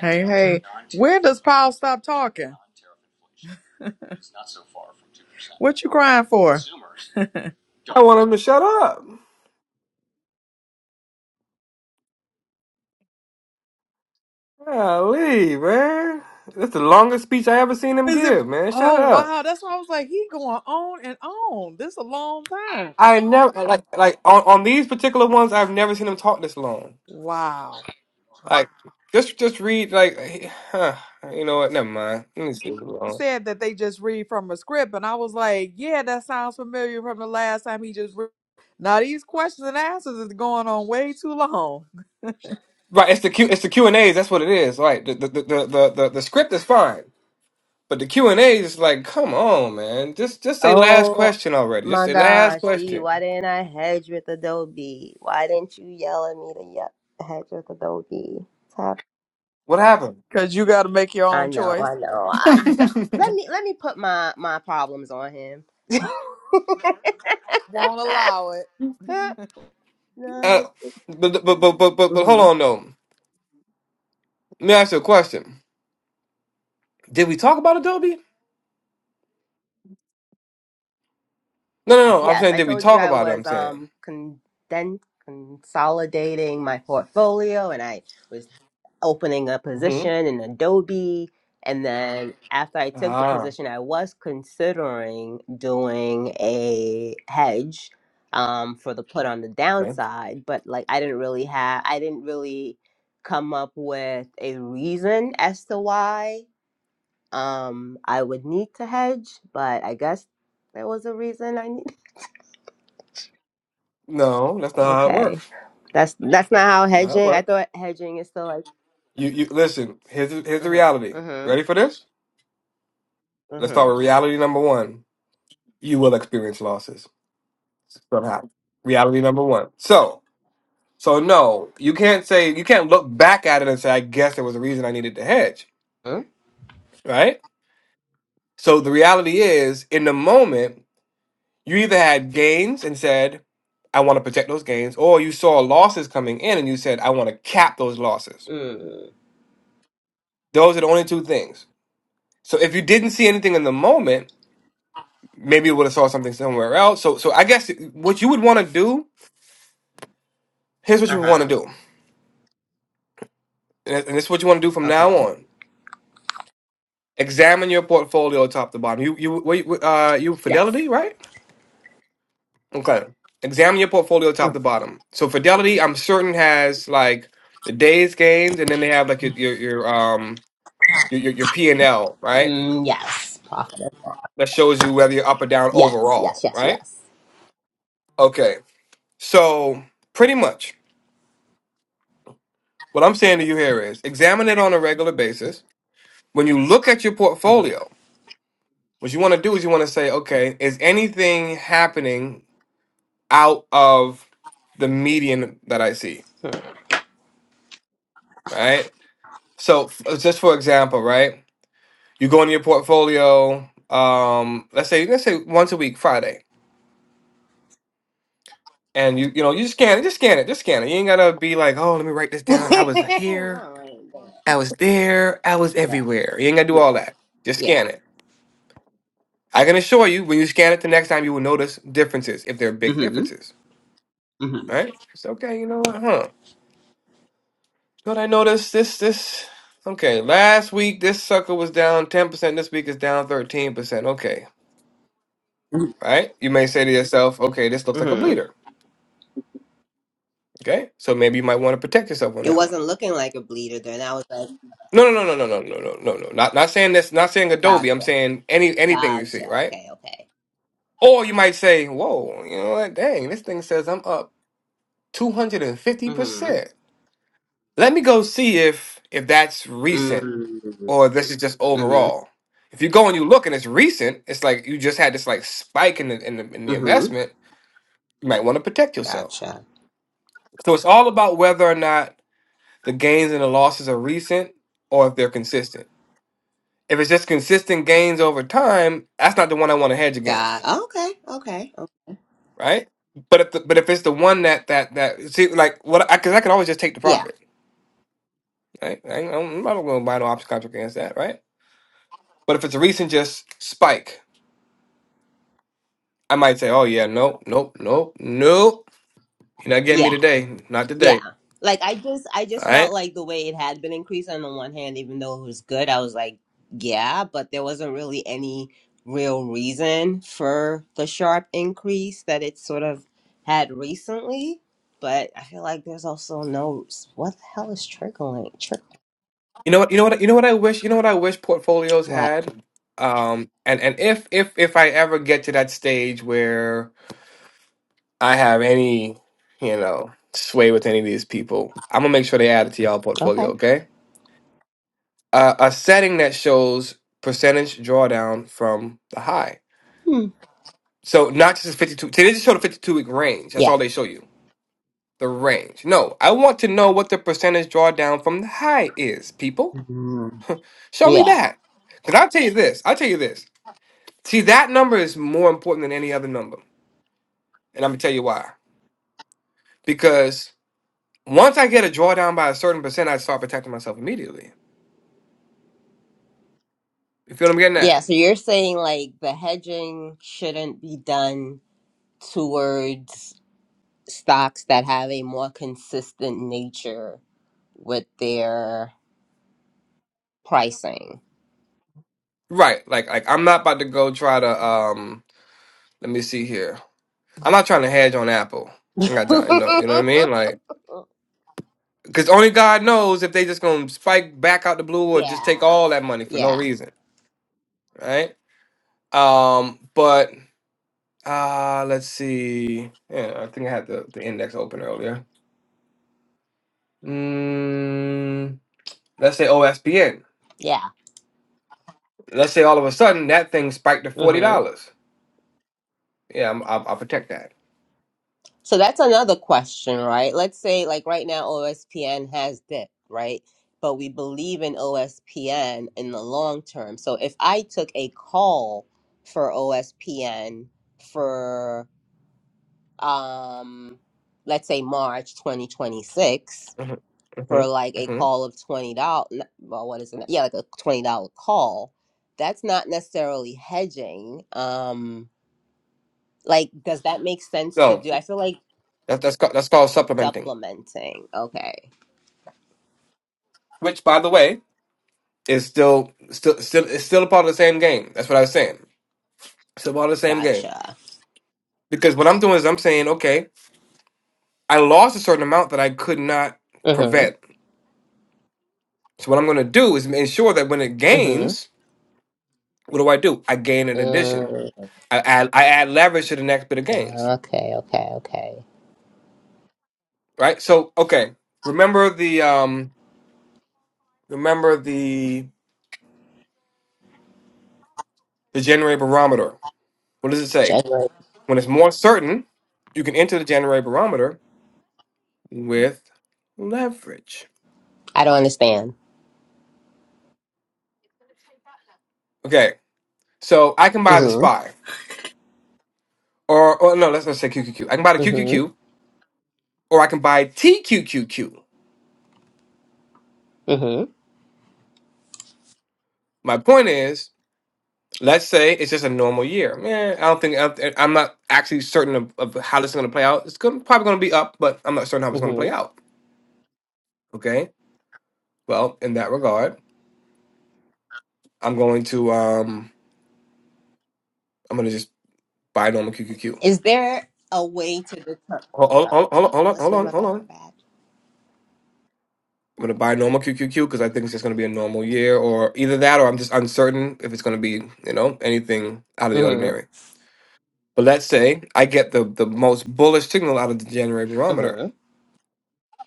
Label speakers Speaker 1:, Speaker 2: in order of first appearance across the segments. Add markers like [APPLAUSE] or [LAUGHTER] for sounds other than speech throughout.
Speaker 1: Hey, hey, when does Powell stop talking? [LAUGHS] What you crying for? [LAUGHS] Is
Speaker 2: I want him to shut up. Golly, man. That's the longest speech I ever seen him
Speaker 1: it?
Speaker 2: give, man. Shut
Speaker 1: Oh
Speaker 2: up.
Speaker 1: wow, that's why I was like, he going on and on. This a long time.
Speaker 2: I never like like on, on these particular ones I've never seen him talk this long.
Speaker 1: Wow.
Speaker 2: Like just just read like huh, you know what, never mind. Let me see
Speaker 1: He
Speaker 2: alone.
Speaker 1: said that they just read from a script, and I was like, yeah, that sounds familiar from the last time he just. Re- now these questions and answers is going on way too long
Speaker 2: Right, it's the Q it's the Q and A's, that's what it is. Right. The the, the the the the script is fine. But the Q and A's is like, come on, man. Just just say last
Speaker 3: Oh
Speaker 2: question already. Just
Speaker 3: my
Speaker 2: say last
Speaker 3: gosh, D,
Speaker 2: question.
Speaker 3: why didn't I hedge with Adobe? Why didn't you yell at me to ye- hedge with Adobe? Tap-
Speaker 2: What happened?
Speaker 1: because you got to make your
Speaker 3: I
Speaker 1: own
Speaker 3: know,
Speaker 1: choice.
Speaker 3: I know. I, d- let me let me put my my problems on him. [LAUGHS]
Speaker 1: Won't allow it.
Speaker 2: Uh, but but but but but, but hold
Speaker 3: hmm
Speaker 2: on though. Let me ask you a question. Did we talk about Adobe? No, no,
Speaker 3: Yes,
Speaker 2: no. I'm
Speaker 3: yes,
Speaker 2: saying,
Speaker 3: I
Speaker 2: did we
Speaker 3: told you
Speaker 2: talk
Speaker 3: I
Speaker 2: about it? I'm
Speaker 3: was
Speaker 2: saying.
Speaker 3: um conden- consolidating my portfolio, and I was. opening a
Speaker 2: Hmm.
Speaker 3: position in Adobe. And then after I took the
Speaker 2: Ah.
Speaker 3: position, I was considering doing a hedge um, for the put on the
Speaker 2: Okay.
Speaker 3: downside, but like I didn't really have, I didn't really come up with a reason as to why um, I would need to hedge. But I guess there was a reason I need. [LAUGHS]
Speaker 2: No, that's not how it
Speaker 3: Okay,
Speaker 2: works.
Speaker 3: that's that's not how
Speaker 2: That's not how it
Speaker 3: hedging. I
Speaker 2: works.
Speaker 3: thought hedging is still like.
Speaker 2: You, you listen. Here's here's the reality.
Speaker 3: Mm-hmm. Mm-hmm.
Speaker 2: Ready for this? Let's start with
Speaker 3: Mm-hmm.
Speaker 2: reality number one. You will experience losses somehow. Reality number one. So, so no, you can't say you can't look back at it and say, I guess there was a reason I needed to hedge, right? So the reality is, in the moment. You either had gains and said, I want to protect those gains, or you saw losses coming in and you said, I want to cap those losses.
Speaker 3: Mm-hmm.
Speaker 2: Those are the only two things. So if you didn't see anything in the moment, maybe you would have saw something somewhere else. So so I guess what you would want to do, here's what you would
Speaker 3: Uh-huh.
Speaker 2: want to do. And and this is what you want to do from now
Speaker 3: Okay.
Speaker 2: on. Examine your portfolio top to bottom. You you wait, wait, uh you
Speaker 3: Yes.
Speaker 2: Fidelity, right? Okay. Examine your portfolio top to bottom. So Fidelity, I'm certain has like the day's gains and then they have like your your, your um your your, your P and L, right?
Speaker 3: Mm, yes. Prophetess.
Speaker 2: That shows you whether you're up or down
Speaker 3: Yes, yes,
Speaker 2: overall,
Speaker 3: yes,
Speaker 2: right?
Speaker 3: yes.
Speaker 2: Okay, so pretty much what I'm saying to you here is examine it on a regular basis. When you look at your portfolio, what you want to do is you want to say, okay, is anything happening out of the median that I see, right? So f- just for example, right? You go into your portfolio, um, let's say let's say once a week, Friday and you you know you just scan it, just scan it, just scan it. You ain't gotta be like, oh, let me write this
Speaker 3: [LAUGHS] no,
Speaker 2: down. I was here,
Speaker 3: I ain't doing
Speaker 2: I was there, I was
Speaker 3: it. Yeah,
Speaker 2: everywhere. You ain't gotta do all
Speaker 3: yeah,
Speaker 2: that. Just
Speaker 3: yeah.
Speaker 2: scan it. I can assure you, when you scan it the next time, you will notice differences if there are
Speaker 3: Mm
Speaker 2: big
Speaker 3: hmm.
Speaker 2: differences.
Speaker 3: Mm
Speaker 2: Right? It's okay. You know what? Huh? But I noticed this this. Okay, last week this sucker was down ten percent. This week is down thirteen percent. Okay,
Speaker 3: hmm.
Speaker 2: right? You may say to yourself, okay, this looks like a
Speaker 3: Mm hmm.
Speaker 2: bleeder. Okay, so maybe you might want to protect yourself on
Speaker 3: It
Speaker 2: that one
Speaker 3: wasn't looking like a bleeder then. I was like,
Speaker 2: No, no, no, no, no, no, no, no, no. no. Not not saying this. Not saying Adobe. I'm
Speaker 3: gotcha.
Speaker 2: saying any anything you see,
Speaker 3: Gotcha.
Speaker 2: right?
Speaker 3: Okay, okay.
Speaker 2: Or you might say, "Whoa, you know what? Dang, this thing says I'm up 250
Speaker 3: Mm hmm.
Speaker 2: percent." Let me go see if if that's recent
Speaker 3: Mm
Speaker 2: or this is just
Speaker 3: hmm.
Speaker 2: overall. If you go and you look and it's recent, it's like you just had this like spike in the in the, in the
Speaker 3: Mm hmm.
Speaker 2: investment. You might want to protect yourself.
Speaker 3: Gotcha.
Speaker 2: So it's all about whether or not the gains and the losses are recent or if they're consistent. If it's just consistent gains over time, that's not the one I want to hedge against,
Speaker 3: Got. Okay, okay. okay.
Speaker 2: right? But if the, but if it's the one that that that see like what I because I can always just take the
Speaker 3: Yeah.
Speaker 2: profit, right? I ain't- I'm not going to buy no option contract against that, right? But if it's a recent just spike, I might say, oh yeah, nope, nope, nope, nope. You're not getting me
Speaker 3: Yeah.
Speaker 2: today, not
Speaker 3: Yeah.
Speaker 2: today,
Speaker 3: Like I just I just
Speaker 2: all
Speaker 3: felt
Speaker 2: right?
Speaker 3: like the way it had been increased on the one hand, even though it was good, I was like, yeah, but there wasn't really any real reason for the sharp increase that it sort of had recently. But I feel like there's also no what the hell is trickling? Trick
Speaker 2: You know what? You know what? You know what I wish. You know what I wish portfolios
Speaker 3: like
Speaker 2: had. Um, and and if if if I ever get to that stage where I have any, you know, sway with any of these people, I'm gonna make sure they add it to y'all portfolio,
Speaker 3: okay.
Speaker 2: okay? Uh, a setting that shows percentage drawdown from the high.
Speaker 3: Hmm.
Speaker 2: So not just a 52. See, they just show the 52 week range. That's
Speaker 3: Yeah.
Speaker 2: all they show you. The range. No, I want to know what the percentage drawdown from the high is, people.
Speaker 3: Mhm.
Speaker 2: Show me
Speaker 3: Yeah.
Speaker 2: that. Because I'll tell you this. I'll tell you this. See, that number is more important than any other number. And I'm going to tell you why. Because once I get a drawdown by a certain percent, I start protecting myself immediately You feel what I'm getting
Speaker 3: Yeah.
Speaker 2: at?
Speaker 3: So you're saying like the hedging shouldn't be done towards stocks that have a more consistent nature with their pricing.
Speaker 2: Right. Like like I'm not about to go try to um let me see here. I'm not trying to hedge on Apple. I ain't got
Speaker 3: [LAUGHS]
Speaker 2: time, you know, you know what I mean? Like cuz only God knows if they just going to spike back out the blue or just take
Speaker 3: yeah,
Speaker 2: all that money for no
Speaker 3: yeah,
Speaker 2: reason, right? Um but uh let's see. Yeah, I think I had the, the index open earlier. Mm, let's say OSPN.
Speaker 3: yeah.
Speaker 2: Let's say all of a sudden that thing spiked to $40.
Speaker 3: hmm
Speaker 2: Yeah, I'm, I'll, I'll protect that.
Speaker 3: So that's another question, right? Let's say, like right now, OSPN has dipped, right? But we believe in OSPN in the long term. So if I took a call for OSPN for, um, let's say March 2026
Speaker 2: hmm hmm
Speaker 3: for like a
Speaker 2: hmm
Speaker 3: call of twenty dollars. Well, what is it? Yeah, like a twenty dollar call. That's not necessarily hedging. Um, like, does that make sense to
Speaker 2: no,
Speaker 3: do? I feel like
Speaker 2: That, that's ca- that's called supplementing,
Speaker 3: supplementing. Okay,
Speaker 2: which, by the way, is still still still is still a part of the same game. That's what I was saying. Still part of the same game
Speaker 3: gotcha.
Speaker 2: because what I'm doing is I'm saying, okay, I lost a certain amount that I could not
Speaker 3: Mhm.
Speaker 2: prevent. So what I'm going to do is ensure that when it
Speaker 3: Mhm.
Speaker 2: gains, what do I do? I gain an addition.
Speaker 3: Mm.
Speaker 2: I add I add leverage to the next bit of gains.
Speaker 3: Okay. Okay. Okay.
Speaker 2: Right. So okay, remember the um remember the the January barometer. What does it say?
Speaker 3: General.
Speaker 2: When it's more certain, you can enter the January barometer with leverage.
Speaker 3: I don't understand.
Speaker 2: Okay, so I can buy the
Speaker 3: Mhm.
Speaker 2: SPY, or, or no, let's not say QQQ. I can buy the
Speaker 3: Mhm.
Speaker 2: QQQ, or I can buy TQQQ.
Speaker 3: Mhm.
Speaker 2: My point is, let's say it's just a normal year. Man, I don't think I don't- I'm not actually certain of, of how this is going to play out. It's gonna, probably going to be up, but I'm not certain how it's going to play
Speaker 3: Mhm.
Speaker 2: out. Okay, well, in that regard, I'm going to um, I'm going to just buy normal QQQ.
Speaker 3: Is there a way to determine?
Speaker 2: Hold, hold,
Speaker 3: Okay,
Speaker 2: hold, hold
Speaker 3: I'm
Speaker 2: on, hold
Speaker 3: listening. My
Speaker 2: on, hold
Speaker 3: bad.
Speaker 2: on.
Speaker 3: My bad.
Speaker 2: I'm gonna buy normal QQQ because I think it's just gonna be a normal year, or either that, or I'm just uncertain if it's gonna be, you know, anything out of the
Speaker 3: Mhm.
Speaker 2: ordinary. But let's say I get the the most bullish signal out of the January barometer.
Speaker 3: Mhm.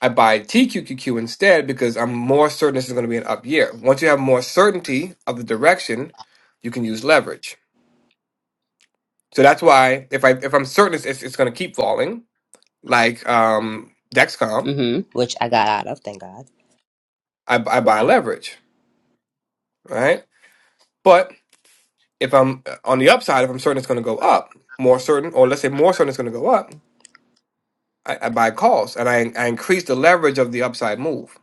Speaker 2: I buy TQQQ instead because I'm more certain this is gonna be an up year. Once you have more certainty of the direction, you can use leverage. So that's why if I if I'm certain it's it's, it's gonna keep falling, like um, Dexcom,
Speaker 3: Mhm. Which I got out of. Thank God.
Speaker 2: I, I buy
Speaker 3: Yeah.
Speaker 2: leverage, right? But if I'm on the upside, if I'm certain it's going to go up, more certain, or let's say more certain it's going to go up, I, I buy calls and I, I increase the leverage of the upside move.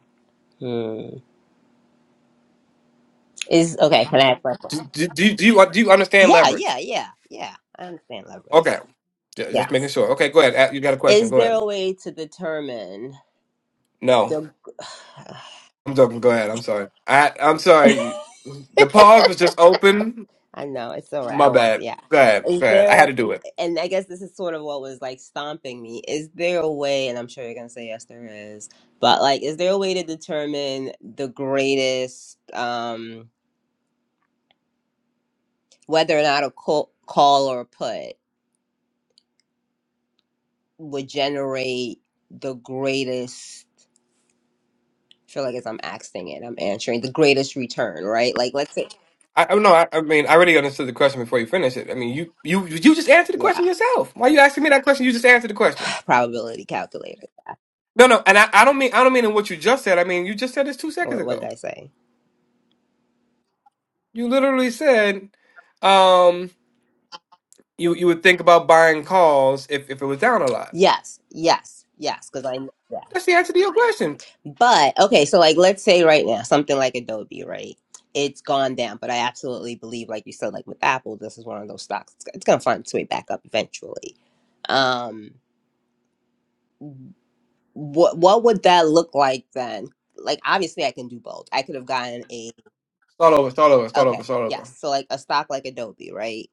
Speaker 3: Hmm. Is okay. Can I ask my question?
Speaker 2: Do, do, do, you- do, you, do you understand
Speaker 3: Yeah,
Speaker 2: leverage?
Speaker 3: yeah, yeah, yeah. I understand leverage.
Speaker 2: Okay. Ju-
Speaker 3: Yeah.
Speaker 2: Just making sure. Okay, go ahead. Uh, You got a question.
Speaker 3: Is
Speaker 2: Go
Speaker 3: there
Speaker 2: ahead.
Speaker 3: a way to determine
Speaker 2: No,
Speaker 3: the?
Speaker 2: I'm joking. Go ahead. I'm sorry. I, I'm sorry. The pause was just open.
Speaker 3: [SIGHS] I know it's all right. I
Speaker 2: My
Speaker 3: want.
Speaker 2: bad.
Speaker 3: Yeah.
Speaker 2: Go ahead. Go
Speaker 3: Is
Speaker 2: ahead. I had
Speaker 3: there?
Speaker 2: to do it.
Speaker 3: And I guess this is sort of what was like stomping me. Is there a way? And I'm sure you're gonna say yes, there is. But like, is there a way to determine the greatest? Um, whether or not a call, call or a put would generate the greatest feel like as I'm asking it, I'm answering the greatest return, right? Like, let's say,
Speaker 2: I, I no, I, I mean, I already understood the question before you finished it. I mean, you, you, you just answered the question
Speaker 3: yeah,
Speaker 2: yourself. Why you asking me that question? You just answered the question.
Speaker 3: [SIGHS] probability calculator.
Speaker 2: No, no, and I, I don't mean I don't mean in what you just said. I mean you just said this two seconds
Speaker 3: What, what did
Speaker 2: ago.
Speaker 3: I say?
Speaker 2: You literally said um you you would think about buying calls if, if it was down a lot.
Speaker 3: Yes, yes, yes, because I know that.
Speaker 2: That's the answer to your question.
Speaker 3: But okay, so like, let's say right now something like Adobe, right? It's gone down, but I absolutely believe, like you said, like with Apple, this is one of those stocks. It's, it's gonna find its way back up eventually. Um, what what would that look like then? Like, obviously, I can do both. I could have gotten a
Speaker 2: Start over, start over, start over,
Speaker 3: Okay.
Speaker 2: start over.
Speaker 3: Yes. So like a stock like Adobe, right?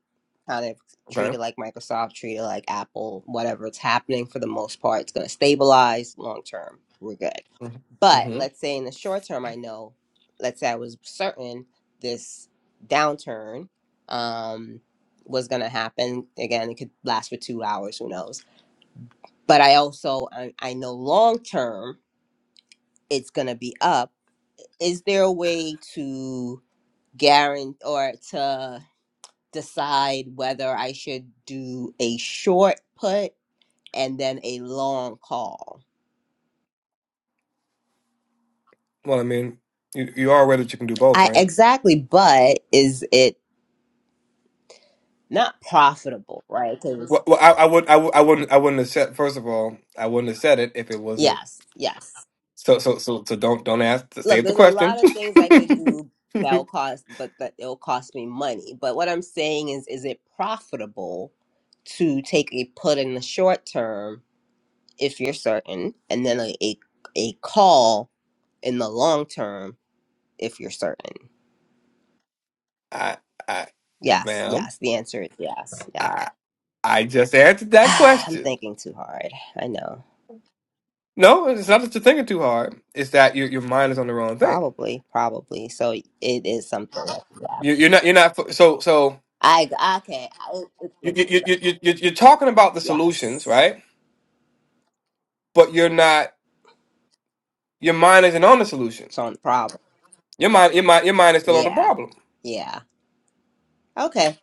Speaker 3: Kind of treated
Speaker 2: Okay.
Speaker 3: like Microsoft, treated like Apple, whatever it's happening for the most part, it's gonna stabilize long term. We're good.
Speaker 2: Mm-hmm.
Speaker 3: But
Speaker 2: Mm-hmm.
Speaker 3: let's say in the short term, I know, let's say I was certain this downturn um, was gonna happen. Again, it could last for two hours, who knows? But I also I, I know long term it's gonna be up. Is there a way to guarantee or to decide whether I should do a short put and then a long call.
Speaker 2: Well, I mean, you you are aware that you can do both,
Speaker 3: I
Speaker 2: right?
Speaker 3: exactly, but is it not profitable, right? 'Cause-
Speaker 2: Well, well I, I would I would I wouldn't I wouldn't have said first of all I wouldn't have said it if it wasn't
Speaker 3: yes, yes.
Speaker 2: so so so so don't don't ask to
Speaker 3: Look,
Speaker 2: save the
Speaker 3: there's a
Speaker 2: question.
Speaker 3: lot of things I could do that will cost, but that it'll cost me money. But what I'm saying is, is it profitable to take a put in the short term if you're certain, and then a a, a call in the long term if you're certain?
Speaker 2: [LAUGHS] I I
Speaker 3: Yes,
Speaker 2: ma'am.
Speaker 3: yes. The answer is yes. Yeah.
Speaker 2: I just answered
Speaker 3: [SIGHS]
Speaker 2: that
Speaker 3: I'm
Speaker 2: question.
Speaker 3: thinking too hard. I know.
Speaker 2: No, it's not that you're thinking too hard. It's that your your mind is on the wrong thing.
Speaker 3: Probably, probably. So it is something. Like that.
Speaker 2: You, you're not. You're not. fo- So so
Speaker 3: I okay. I, it, it's
Speaker 2: you
Speaker 3: making
Speaker 2: you
Speaker 3: sense.
Speaker 2: you you you- you're talking about the solutions,
Speaker 3: Yes.
Speaker 2: right? But you're not. Your mind isn't on the solution.
Speaker 3: It's on the problem.
Speaker 2: Your mind your mind your mind is still on the
Speaker 3: Yeah.
Speaker 2: problem.
Speaker 3: Yeah. Okay.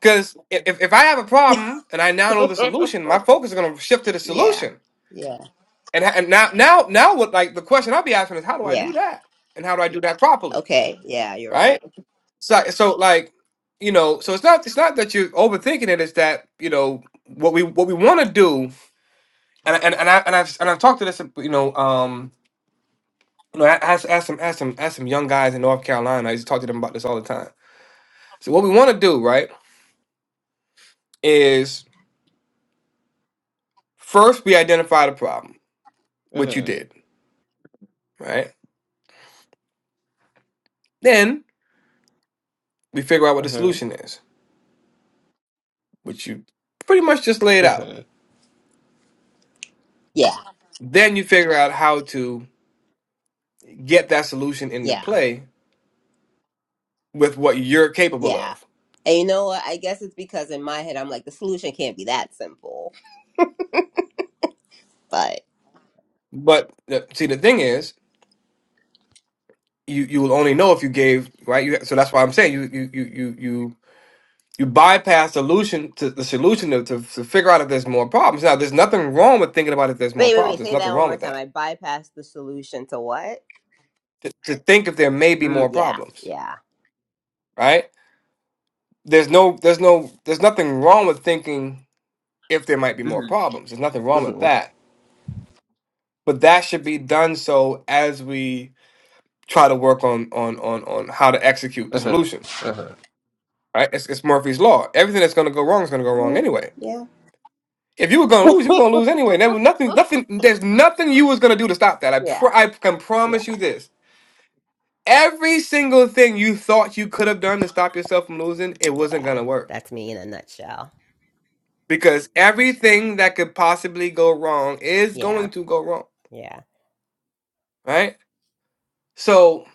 Speaker 2: Because if if I have a problem and I now
Speaker 3: [LAUGHS]
Speaker 2: know the solution, my focus is going to shift to the
Speaker 3: yeah.
Speaker 2: solution.
Speaker 3: Yeah.
Speaker 2: And and now now now what like the question I'll be asking is how do I do
Speaker 3: Yeah.
Speaker 2: that? And how do I do that properly?
Speaker 3: Okay. Yeah. You're
Speaker 2: Right.
Speaker 3: right.
Speaker 2: So, so like, you know, so it's not it's not that you're overthinking it. It's that you know what we what we want to do, and I- and and I and I've and I've talked to this, you know, um, you know, I ask ask some ask some ask some young guys in North Carolina. I used to talk to them about this all the time. So what we want to do, right, is first we identify the problem, which you did, right. Then we figure out what the
Speaker 3: Mhm.
Speaker 2: solution is, which you pretty much just laid out.
Speaker 3: Yeah.
Speaker 2: Then you figure out how to get that solution into
Speaker 3: Yeah.
Speaker 2: play with what you're capable
Speaker 3: Yeah.
Speaker 2: of
Speaker 3: And you know what? I guess it's because in my head I'm like the solution can't be that simple. But
Speaker 2: But the, see, the thing is, you you will only know if you gave right. You, so that's why I'm saying you you you you you you bypass solution to the solution to, to to figure out if there's more problems. Now, there's nothing wrong with thinking about if there's more
Speaker 3: wait, wait,
Speaker 2: problems.
Speaker 3: wait.
Speaker 2: There's
Speaker 3: Say that
Speaker 2: nothing
Speaker 3: one
Speaker 2: wrong
Speaker 3: more
Speaker 2: with
Speaker 3: time. I
Speaker 2: that.
Speaker 3: bypassed the solution to what?
Speaker 2: To, to think if there may be
Speaker 3: Mm,
Speaker 2: more
Speaker 3: yeah,
Speaker 2: problems,
Speaker 3: yeah.
Speaker 2: right? There's no there's no there's nothing wrong with thinking if there might be more
Speaker 3: hmm
Speaker 2: problems. There's nothing wrong with
Speaker 3: hmm
Speaker 2: that. But that should be done so as we try to work on on on on how to execute the
Speaker 3: hmm
Speaker 2: solution right? It's, it's Murphy's law. Everything that's going to go wrong is going to go wrong
Speaker 3: Yeah,
Speaker 2: anyway.
Speaker 3: yeah.
Speaker 2: If you were going to lose, you were going to lose
Speaker 3: [LAUGHS]
Speaker 2: anyway. There was nothing, nothing. There's nothing you was going to do to stop that. I
Speaker 3: yeah,
Speaker 2: pr- I can
Speaker 3: yeah,
Speaker 2: promise you this. Every single thing you thought you could have done to stop yourself from losing, it wasn't going
Speaker 3: yeah.
Speaker 2: to work
Speaker 3: That's me in a nutshell.
Speaker 2: because everything that could possibly go wrong is
Speaker 3: Yeah,
Speaker 2: going to go wrong,
Speaker 3: yeah.
Speaker 2: right? So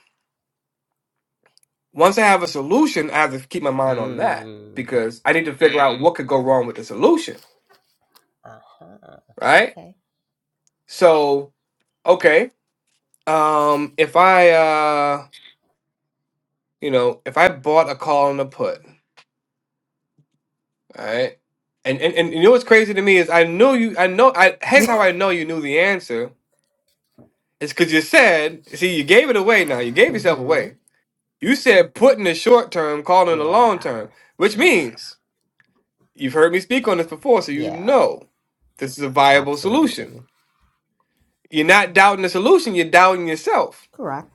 Speaker 2: once I have a solution, I have to keep my mind on that
Speaker 3: Mm.
Speaker 2: because I need to figure out what could go wrong with the solution,
Speaker 3: Uh huh.
Speaker 2: right?
Speaker 3: Okay.
Speaker 2: So okay. Um, if I uh, you know, if I bought a call and a put, all right, and and and you know what's crazy to me is I knew you. I know. I here's
Speaker 3: [LAUGHS]
Speaker 2: how I know you knew the answer. It's because you said. See, you gave it away. Now you gave yourself
Speaker 3: mm-hmm.
Speaker 2: away. You said put in the short term, call in the long
Speaker 3: Yeah,
Speaker 2: term, which
Speaker 3: yeah,
Speaker 2: means you've heard me speak
Speaker 3: yeah,
Speaker 2: on this before, so you
Speaker 3: yeah.
Speaker 2: know this is a viable solution.
Speaker 3: Absolutely.
Speaker 2: You're not doubting the solution. You're doubting yourself.
Speaker 3: Correct.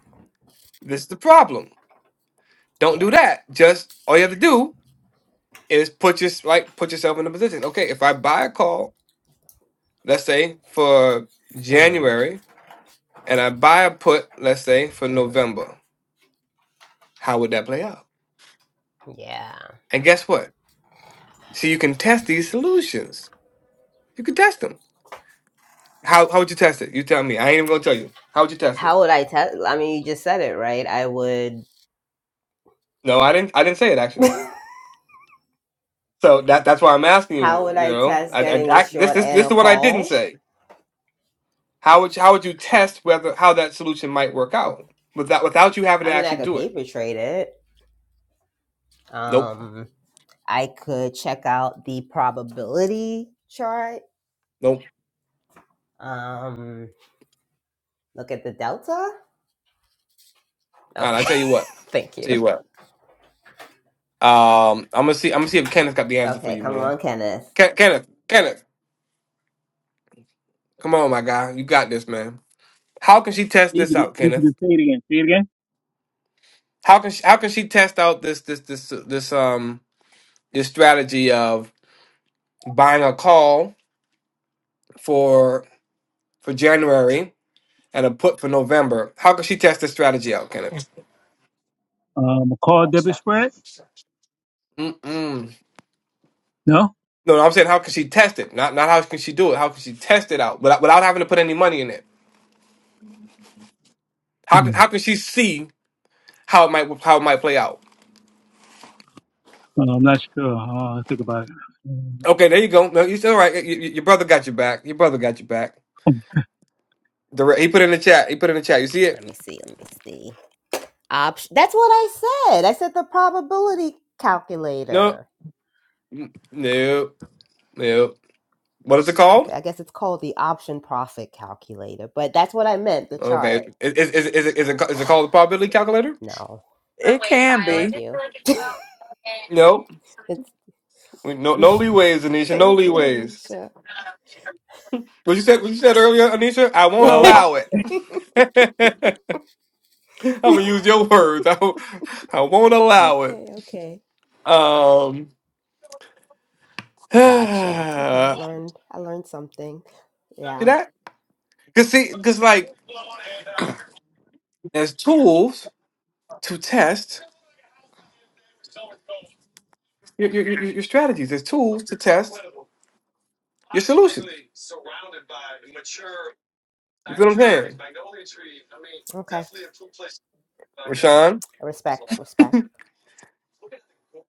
Speaker 2: This is the problem. Don't do
Speaker 3: Yeah.
Speaker 2: that. Just all you have to do is put your like put yourself in a position. Okay, if I buy a call, let's say for
Speaker 3: hmm
Speaker 2: January, and I buy a put, let's say for
Speaker 3: hmm
Speaker 2: November, how would that play out?
Speaker 3: Yeah.
Speaker 2: And guess what? So you can test these solutions. You can test them. How how would you test it? You tell me. I ain't even gonna tell you. How would you test it?
Speaker 3: How would I test? I mean, you just said it, right? I would.
Speaker 2: No, I didn't. I didn't say it actually.
Speaker 3: [LAUGHS]
Speaker 2: So that that's why I'm asking
Speaker 3: How
Speaker 2: you.
Speaker 3: would
Speaker 2: You
Speaker 3: I
Speaker 2: know,
Speaker 3: test
Speaker 2: I, I,
Speaker 3: getting a
Speaker 2: I this
Speaker 3: short
Speaker 2: this
Speaker 3: and
Speaker 2: this is
Speaker 3: a
Speaker 2: the one I didn't
Speaker 3: call?
Speaker 2: say. How would you, how would you test whether how that solution might work out without without you having
Speaker 3: I
Speaker 2: to
Speaker 3: mean, I
Speaker 2: actually
Speaker 3: could
Speaker 2: do it?
Speaker 3: paper trade it.
Speaker 2: Nope.
Speaker 3: Um, I could check out the probability chart.
Speaker 2: Nope.
Speaker 3: Um, look at the delta.
Speaker 2: All right, I
Speaker 3: Okay,
Speaker 2: tell you what.
Speaker 3: [LAUGHS] thank
Speaker 2: I tell
Speaker 3: you.
Speaker 2: you what. Um, I'm gonna see. I'm gonna see if Kenneth got the answer for
Speaker 3: Okay,
Speaker 2: you,
Speaker 3: come on,
Speaker 2: man.
Speaker 3: Kenneth.
Speaker 2: Ken- Kenneth, Kenneth, come on, my guy, you got this, man. How can she test
Speaker 4: Need
Speaker 2: this
Speaker 4: you to,
Speaker 2: out,
Speaker 4: need you
Speaker 2: Kenneth?
Speaker 4: to say it again. Say it again.
Speaker 2: How can she, how can she test out this this this this um this strategy of buying a call for for January and a put for November? How can she test this strategy out, Kenneth?
Speaker 4: Um, a call
Speaker 5: Promise
Speaker 4: debit
Speaker 5: dot com.
Speaker 4: spread?
Speaker 2: Mm-mm.
Speaker 4: No?
Speaker 2: No, no, I'm saying how can she test it? Not not how can she do it? How can she test it out without without having to put any money in it? How can
Speaker 4: Hmm.
Speaker 2: how can she see? how it might how it might play out.
Speaker 4: Uh, I'm not sure. Uh, I'll think about it. Um,
Speaker 2: Okay, there you go. No, you still right. Y- y- your brother got your back. Your brother got your back. Direct. He put it in the chat. He put it in the chat. You see
Speaker 3: Let
Speaker 2: it?
Speaker 3: me see. Let me see. Option. That's what I said. I said the probability
Speaker 2: No,
Speaker 3: calculator.
Speaker 2: N- no, no. What is it
Speaker 3: Okay,
Speaker 2: called?
Speaker 3: I guess it's called the option profit calculator, but that's what I meant. The chart.
Speaker 2: Okay, is is is, is it is it, ca- is it called the probability calculator?
Speaker 3: No,
Speaker 5: Oh,
Speaker 1: It
Speaker 5: wait, Kyle.
Speaker 1: can
Speaker 5: I
Speaker 3: thank
Speaker 1: be.
Speaker 5: just feel
Speaker 3: you.
Speaker 5: like it's so and
Speaker 2: No,
Speaker 5: so much
Speaker 3: It's
Speaker 2: no, no
Speaker 3: [LAUGHS]
Speaker 2: leeways, Anisha. No
Speaker 3: thank you,
Speaker 2: leeways.
Speaker 5: doesn't
Speaker 3: Anisha.
Speaker 5: know.
Speaker 2: What you said? What you said earlier, Anisha? I won't
Speaker 1: Oh
Speaker 2: allow it.
Speaker 3: [LAUGHS]
Speaker 2: [LAUGHS] I'm gonna
Speaker 3: [LAUGHS]
Speaker 2: use your words. [LAUGHS] I, won't- I won't allow it.
Speaker 3: okay, okay.
Speaker 2: Um, [SIGHS] see
Speaker 3: Gotcha. Okay, learned I learned something. Yeah.
Speaker 2: that? Cause see, cause like There's tools to test your, your, your, your strategies. There's tools to
Speaker 5: It's
Speaker 2: test
Speaker 5: incredible.
Speaker 2: your
Speaker 5: It's
Speaker 2: solutions.
Speaker 5: literally surrounded by mature
Speaker 2: You feel what
Speaker 5: cypress
Speaker 2: I'm
Speaker 5: trees,
Speaker 2: saying?
Speaker 5: magnolia trees. I mean,
Speaker 3: Okay.
Speaker 5: definitely a cool place. Uh, Gal's gonna
Speaker 2: Rashawn?
Speaker 5: be a
Speaker 3: Respect,
Speaker 5: lot.
Speaker 3: respect.
Speaker 5: Look at the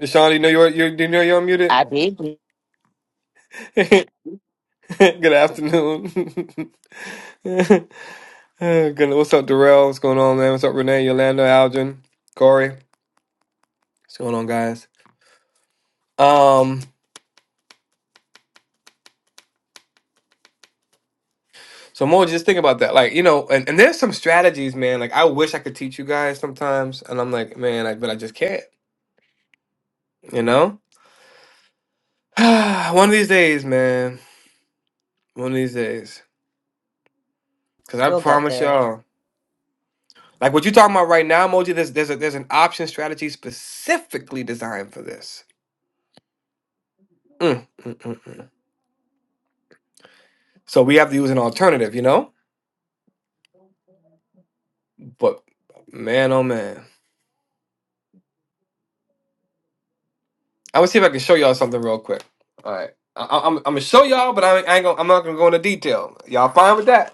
Speaker 2: Rashawn, do you know you're, you're, do you know you're
Speaker 5: I
Speaker 2: unmuted?
Speaker 5: did.
Speaker 2: [LAUGHS] Good afternoon. [LAUGHS] Oh, Goodness. What's up, Darrell? What's going on, man? What's up, Renee, Yolanda, Algin, Corey? What's going on, guys? Um, so more just think about that. Like, you know, and, and there's some strategies, man. Like I wish I could teach you guys sometimes. And I'm like, man, I, but I just can't, you know? [SIGHS] One of these days, man. One of these days. Cause I
Speaker 3: We'll get
Speaker 2: promise
Speaker 3: there.
Speaker 2: y'all. Like what you talking about right now, Moji, there's there's a there's an option strategy specifically designed for this. Mm, mm, mm, mm. So we have to use an alternative, you know? But man, oh man. I'm gonna see if I can show y'all something real quick. All right. I, I, am I'm I'm gonna show y'all, but I ain't, I ain't gonna, I'm not gonna go into detail. Y'all fine with that?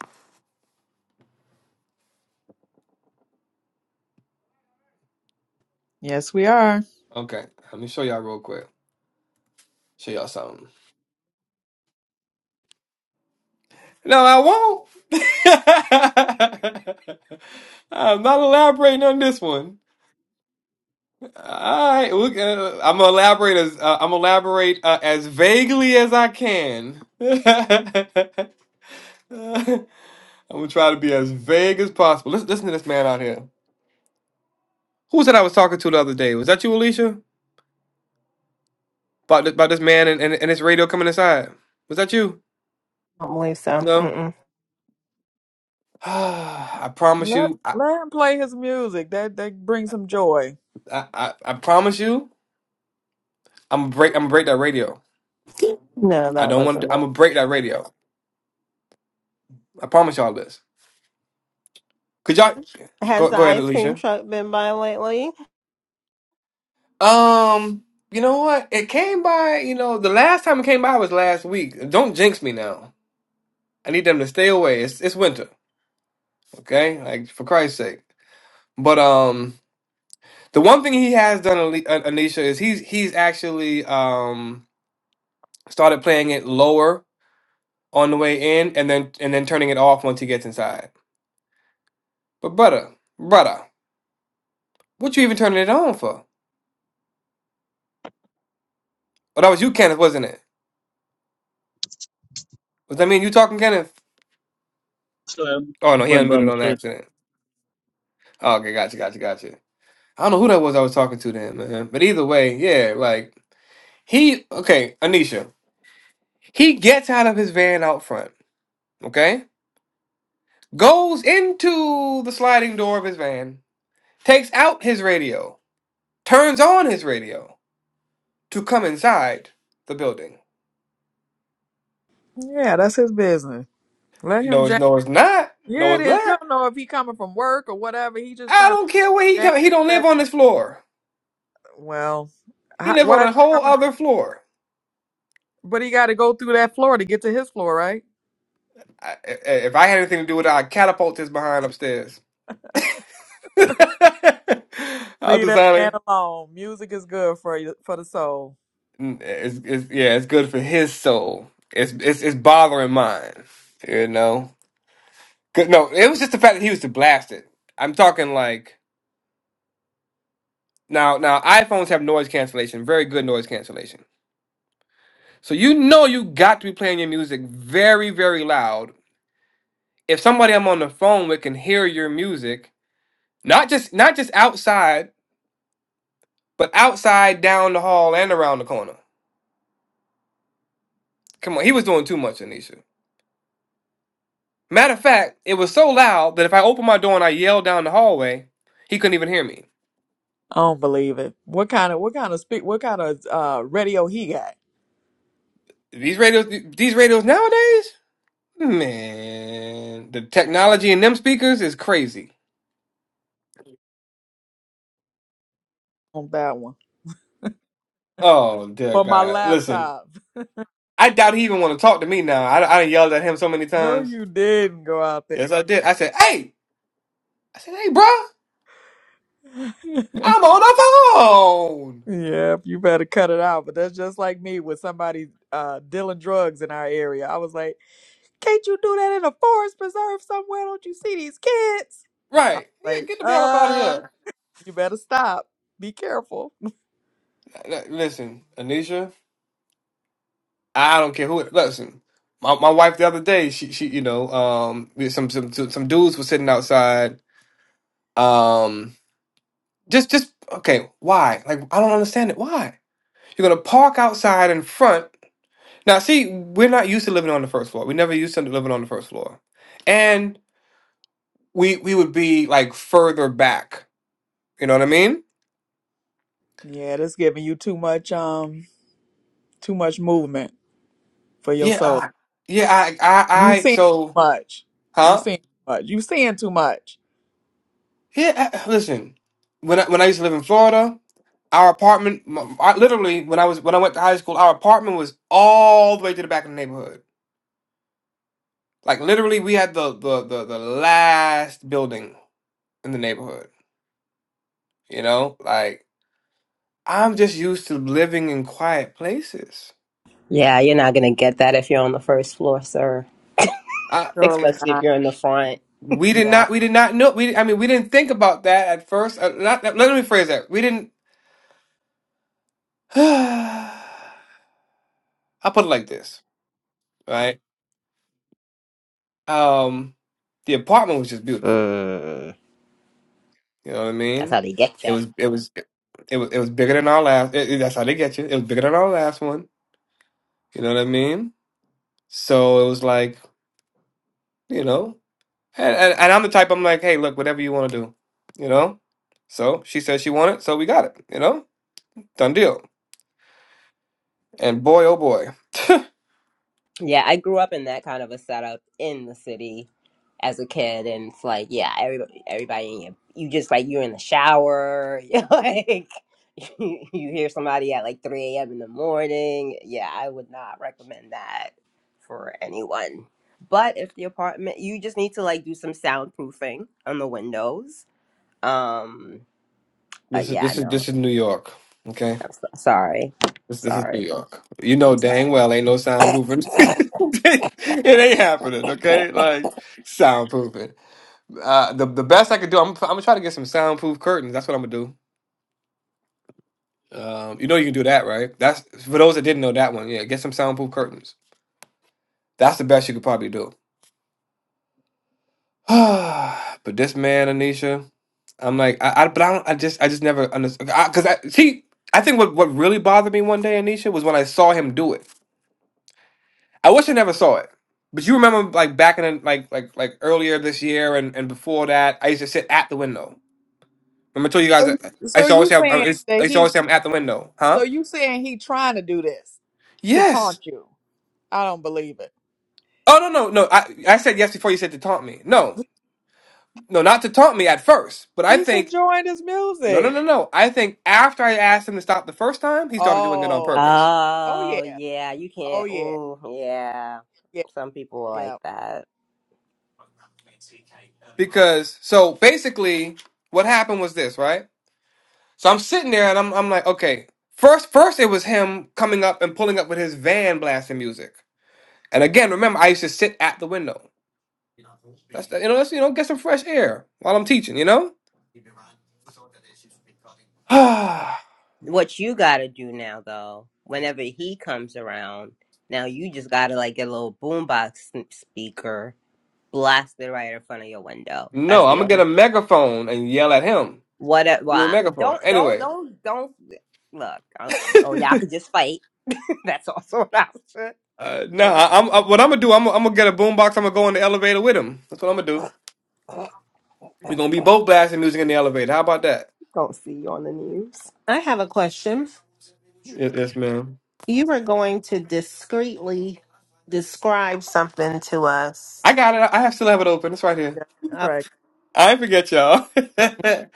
Speaker 1: Yes, we are.
Speaker 2: Okay. Let me show y'all real quick. Show y'all something. No, I won't. [LAUGHS] I'm not elaborating on this one. All right, we, uh, I'm gonna elaborate as uh, I'm gonna elaborate uh, as vaguely as I can. [LAUGHS] I'm gonna try to be as vague as possible. Listen, listen to this man out here. Who was that I was talking to the other day? Was that you, Alicia? About this, about this man and, and and his radio coming inside. Was that you?
Speaker 6: don't believe so.
Speaker 2: No.
Speaker 6: Mm-mm.
Speaker 2: [SIGHS] I promise
Speaker 1: Let
Speaker 2: you. I,
Speaker 1: let him play his music. That that brings him joy.
Speaker 2: I I I promise you. I'm gonna break. I'm gonna break that radio.
Speaker 6: No,
Speaker 2: I
Speaker 6: that
Speaker 2: don't want.
Speaker 6: wasn't.
Speaker 2: to I'm
Speaker 6: all.
Speaker 2: gonna break that radio. I promise y'all this. Could y'all
Speaker 6: Has
Speaker 2: go
Speaker 6: the
Speaker 2: go ahead,
Speaker 6: ice cream
Speaker 2: Alicia?
Speaker 6: truck been by lately?
Speaker 2: Um, you know what? It came by, you know, the last time it came by was last week. Don't jinx me now. I need them to stay away. It's it's winter, okay? Like for Christ's sake. But um, the one thing he has done, Ali- uh, Anisha, is he's he's actually um started playing it lower on the way in, and then and then turning it off once he gets inside. But brother, brother, what you even turning it on for? Oh, that was you, Kenneth, wasn't it? Was that mean you talking, Kenneth?
Speaker 4: so, um,
Speaker 2: Oh no, he
Speaker 4: button by
Speaker 2: unmuted on
Speaker 4: mistake.
Speaker 2: accident. okay, gotcha, gotcha, gotcha. I don't know who that was I was talking to then, man. But either way, yeah, like he okay, Anisha. He gets out of his van out front, okay? Goes into the sliding door of his van, takes out his radio, turns on his radio to come inside the building.
Speaker 1: Yeah, that's his business. Let him
Speaker 2: No, it's
Speaker 1: jam.
Speaker 2: no it's not. No,
Speaker 1: Yeah, it
Speaker 2: it's
Speaker 1: is. You
Speaker 2: not.
Speaker 1: don't know if he coming from work or whatever. He just
Speaker 2: I
Speaker 1: trying to
Speaker 2: don't care where he
Speaker 1: jam.
Speaker 2: come. He don't live on this floor.
Speaker 1: Well,
Speaker 2: He
Speaker 1: how,
Speaker 2: live on
Speaker 1: why is
Speaker 2: a
Speaker 1: he
Speaker 2: whole
Speaker 1: coming?
Speaker 2: other floor.
Speaker 1: But he got to go through that floor to get to his floor, right?
Speaker 2: I, i- if I had anything to do with it, I'd catapult his behind upstairs. [LAUGHS] I'll
Speaker 1: Leave that
Speaker 2: design it.
Speaker 1: man alone. Music is good for you for the soul.
Speaker 2: n- it's, it's yeah, it's good for his soul. It's it's it's bothering mine. You know, 'Cause- no, it was just the fact that he was to blast it. I'm talking like now now iPhones have noise cancellation, very good noise cancellation. So you know you got to be playing your music very very loud. If somebody I'm on the phone with can hear your music, not just not just outside, but outside, down the hall, and around the corner. Come on, he was doing too much, Anisha. Matter of fact, it was so loud that if I opened my door and I yelled down the hallway, he couldn't even hear me.
Speaker 1: I don't believe it. What kind of what kind of speak? What kind of uh radio he got
Speaker 2: These radios, these radios nowadays, man, the technology in them speakers is crazy.
Speaker 1: on that one?
Speaker 2: Oh dear
Speaker 1: For my
Speaker 2: God! Listen,
Speaker 1: laptop. [LAUGHS]
Speaker 2: I doubt he even want to talk to me now. I I done yelled at him so many
Speaker 1: No,
Speaker 2: times.
Speaker 1: you didn't go out
Speaker 2: Yes, I did. I said, "Hey," I said, "Hey, bro,
Speaker 1: there. [LAUGHS]
Speaker 2: I'm on the phone."
Speaker 1: Yeah, you better cut it out. But that's just like me with somebody uh, dealing drugs in our area. I was like, can't you do that in a forest preserve somewhere? Don't you see these kids? I
Speaker 2: Right?
Speaker 1: was
Speaker 2: Yeah,
Speaker 1: like,
Speaker 2: get the hell up out of
Speaker 1: uh,
Speaker 2: here.
Speaker 1: you better stop. Be careful.
Speaker 2: Listen, Anisha. I don't care who it listen. My my wife the other day, she she you know, um we- some some some dudes were sitting outside. Um just just okay, why? Like I don't understand it. Why? You're gonna park outside in front. Now see, we're not used to living on the first floor. We never used to living on the first floor. And we we would be like further back. You know what I mean?
Speaker 1: Yeah, that's giving you too much um too much movement for your
Speaker 2: Yeah,
Speaker 1: soul.
Speaker 2: uh, yeah, I I
Speaker 1: You
Speaker 2: I
Speaker 1: seeing too
Speaker 2: so
Speaker 1: much. You
Speaker 2: huh?
Speaker 1: seeing too much. You seeing too much.
Speaker 2: Yeah, I- listen. When I, when I used to live in Florida, our apartment, m- I, literally, when I was when I went to high school, our apartment was all the way to the back of the neighborhood. Like literally, we had the the the, the last building in the neighborhood. You know, like I'm just used to living in quiet places.
Speaker 3: Yeah, you're not gonna get that if you're on the first floor, sir.
Speaker 2: I
Speaker 1: Surely
Speaker 3: Especially if
Speaker 1: not.
Speaker 3: you're in the front.
Speaker 2: we did
Speaker 1: Yeah.
Speaker 2: not we did not know we I mean we didn't think about that at first. Uh, not, let me phrase that. We didn't. [SIGHS] I'll put it like this, right? Um, the apartment was just beautiful
Speaker 3: Mm,
Speaker 2: You know what I
Speaker 3: that's how
Speaker 2: mean?
Speaker 3: they get you.
Speaker 2: It was it was it was it was bigger than our last. It, it- that's how they get you. It was bigger than our last one. You know what I mean? So it was like you know, and and, and I'm the type. I'm like, hey, look, whatever you want to do, you know. So she said she wanted, so we got it. You know, done deal. And boy, oh boy,
Speaker 3: Yeah, I grew up in that kind of a setup in the city as a kid, and it's like, yeah, everybody, everybody, in your- you just like you're in the shower, [LAUGHS] you're like you, you hear somebody at like three a.m. in the morning. Yeah, I would not recommend that for anyone. But if the apartment, you just need to like do some soundproofing on the windows. Um, but
Speaker 2: this is
Speaker 3: yeah,
Speaker 2: this is
Speaker 3: no,
Speaker 2: this is New York. Okay,
Speaker 3: I'm so, sorry,
Speaker 2: this this is
Speaker 3: sorry,
Speaker 2: New York. You know
Speaker 3: I'm sorry.
Speaker 2: dang well ain't no soundproofing. [LAUGHS] it ain't happening. Okay, like soundproofing. Uh, the the best I could do, I'm I'm gonna try to get some soundproof curtains. That's what I'm gonna do. Um, you know you can do that, right? That's for those that didn't know that one. Yeah, get some soundproof curtains. That's the best you could probably do. [SIGHS] but this man, Anisha, I'm like, I, I but I don't, I just, I just never understood. Because I, see, I think what what really bothered me one day, Anisha, was when I saw him do it. I wish I never saw it. But you remember, like back in the, like like like earlier this year and and before that, I used to sit at the window. Remember, I told you guys, I, I
Speaker 1: So
Speaker 2: used to always
Speaker 1: you
Speaker 2: say, I'm- I
Speaker 1: saying
Speaker 2: used I
Speaker 1: that
Speaker 2: used to always
Speaker 1: he's
Speaker 2: say I'm at the window,
Speaker 1: so
Speaker 2: huh?
Speaker 1: you saying he trying to do this to
Speaker 2: Yes.
Speaker 1: taunt you. I don't believe it.
Speaker 2: Oh no no no. I I said yes before you said to taunt me. No no not to taunt me at first. But I
Speaker 1: He's
Speaker 2: think
Speaker 1: enjoying his
Speaker 2: no no
Speaker 1: music.
Speaker 2: no no. I think after I asked him to stop the first time, he started doing it on
Speaker 1: Oh,
Speaker 2: purpose.
Speaker 1: oh
Speaker 3: Oh,
Speaker 1: yeah,
Speaker 3: yeah, you
Speaker 1: oh
Speaker 3: can't.
Speaker 1: yeah,
Speaker 3: Oh, yeah.
Speaker 1: yeah,
Speaker 3: Some people are like
Speaker 1: yeah.
Speaker 3: that.
Speaker 2: Because so basically, what happened was this, right? So I'm sitting there and I'm I'm like, okay. First first it was him coming up and pulling up with his van blasting music. And again, remember I used to sit at the window. That's the, you know let's you know get some fresh air while I'm teaching. You know. [SIGHS] no,
Speaker 3: What you gotta do now, though, whenever he comes around, now you just gotta like get a little boombox s- speaker, blast it right in front of your window.
Speaker 2: I'm
Speaker 3: That's the
Speaker 2: gonna get
Speaker 3: only.
Speaker 2: a megaphone and yell at him.
Speaker 3: What? a- Well,
Speaker 2: with a
Speaker 3: I-
Speaker 2: megaphone.
Speaker 3: don't, don't,
Speaker 2: Anyway,
Speaker 3: don't, don't. Look, I- oh, y'all could just fight. [LAUGHS] That's also an option.
Speaker 2: uh, nah,
Speaker 3: Or
Speaker 2: I- I'm, I, what I'm gonna do, I'm, I'm gonna get a boombox. I'm gonna go in the elevator with him. That's what I'm gonna do. We're gonna be both blasting music in the elevator. How about that?
Speaker 3: don't see you on the news.
Speaker 6: I have a question.
Speaker 2: Yes, yes ma'am.
Speaker 6: You were going to discreetly describe something to us.
Speaker 2: I got it. I I have still have it open. It's right here.
Speaker 1: yeah.
Speaker 6: Uh,
Speaker 1: Right.
Speaker 2: I ain't forget y'all. [LAUGHS] but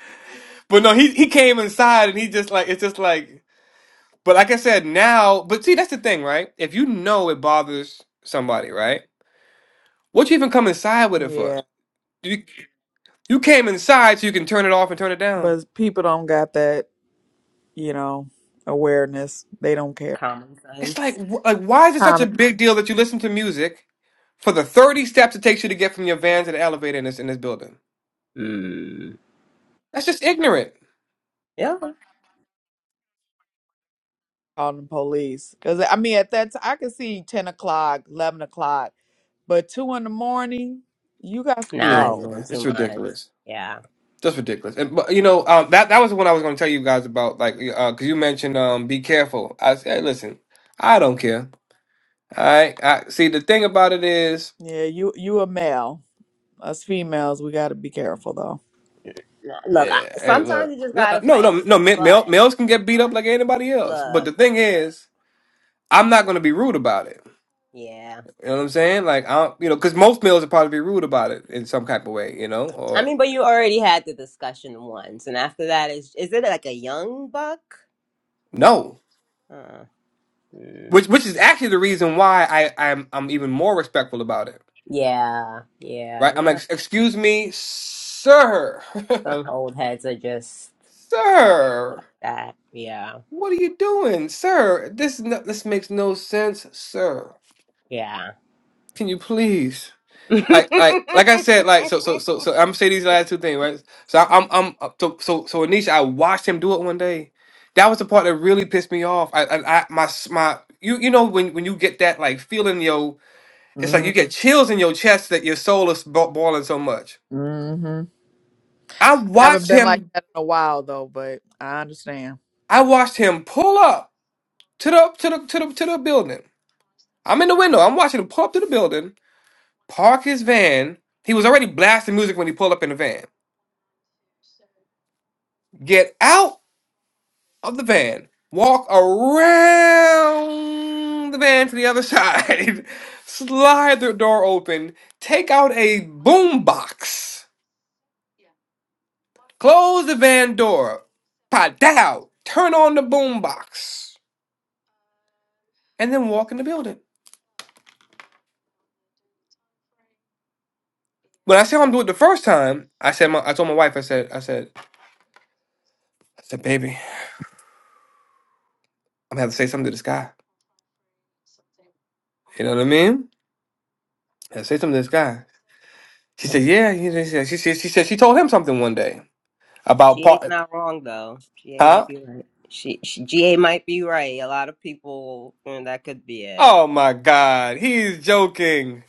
Speaker 2: no, he he came inside and he just like it's just like. But like I said, now, but see, that's the thing, right? If you know it bothers somebody, right? What you even come inside with it for?
Speaker 1: Yeah,
Speaker 2: You you came inside so you can turn it off and turn it down.
Speaker 1: but people don't got that, you know, awareness. They don't care.
Speaker 3: Common
Speaker 2: It's like,
Speaker 3: sense.
Speaker 2: wh- like, why is it such a
Speaker 1: Common
Speaker 2: big deal that you listen to music for the 30 steps it takes you to get from your van to the elevator in this in this building?
Speaker 3: Mm.
Speaker 2: That's just ignorant.
Speaker 3: Yeah.
Speaker 1: calling the police because I mean, at that time, I could see ten o'clock, eleven o'clock, but two in the morning, you got to
Speaker 3: Nah,
Speaker 2: Yeah,
Speaker 3: it's
Speaker 1: go.
Speaker 3: doing
Speaker 2: man,
Speaker 3: too
Speaker 2: it's
Speaker 3: much.
Speaker 2: ridiculous.
Speaker 3: Yeah.
Speaker 2: Just ridiculous. And but you know, um, that that was the one I was going to tell you guys about. Like, uh, cause you mentioned, um, be careful. I said, listen, I don't care. All right. I see. The thing about it is,
Speaker 1: Yeah, you you a male. Us females, we got to be careful
Speaker 3: Nah, Look, I,
Speaker 2: yeah, hey,
Speaker 3: sometimes
Speaker 2: look,
Speaker 3: you just
Speaker 2: no, uh,
Speaker 3: gotta
Speaker 2: no, no,
Speaker 3: fight.
Speaker 2: no. ma-
Speaker 3: But
Speaker 2: Male, males can get beat up like anybody else. But
Speaker 3: look,
Speaker 2: the thing is, I'm not going to be rude about it.
Speaker 3: yeah.
Speaker 2: You know what I'm saying? Like I, don't, you know, because most males would probably be rude about it in some type of way, you know,
Speaker 3: I
Speaker 2: or
Speaker 3: mean, but you already had the discussion once, and after that, is is it like a young buck?
Speaker 2: no,
Speaker 3: Uh, mm.
Speaker 2: which which is actually the reason why I I'm I'm even more respectful about it,
Speaker 3: yeah,
Speaker 2: right?
Speaker 3: yeah.
Speaker 2: I'm
Speaker 3: Nah,
Speaker 2: like, excuse me, sir, [LAUGHS]
Speaker 3: some old heads are just like
Speaker 2: sir,
Speaker 3: that. Yeah,
Speaker 2: what are you doing, sir? This no, this makes no sense, sir.
Speaker 3: yeah.
Speaker 2: Can you please? like like
Speaker 3: [LAUGHS]
Speaker 2: like I said, like so so so so I'm gonna say these last two things, right? So I, I'm I'm uh, so so so Anisha, I watched him do it one day. That was the part that really pissed me off. I I, I my s- my you you know when when you get that like feeling yo, it's like you
Speaker 1: though.
Speaker 2: get chills in your chest that your soul is bo- boiling so much.
Speaker 1: Mm-hmm.
Speaker 2: I
Speaker 1: haven't
Speaker 2: watched
Speaker 1: been like
Speaker 2: him.
Speaker 1: that in a while though, but I understand.
Speaker 2: I watched him pull up to the to the to the to the building. I'm in the window. I'm watching him pull up to the building, park his van. He was already blasting music when he pulled up in the van. Get out of the van, walk around the van to the other side, [LAUGHS] slide the door open, take out a boom box, close the van door, padow, turn on the boom box, and then walk in the building. When I saw him do it the first time, I said, my, I told my wife, I said, I said, I said, baby, I'm gonna have to say something to this guy. You know what I mean? I said, say something to this guy. She said, yeah. He- She said, she said, she said, she told him something one day about
Speaker 3: GA's
Speaker 2: part,
Speaker 3: not wrong though. GA
Speaker 2: huh?
Speaker 3: might be right. She, she GA might be right. A lot of people mm, that could be it.
Speaker 2: Oh my God, he's joking.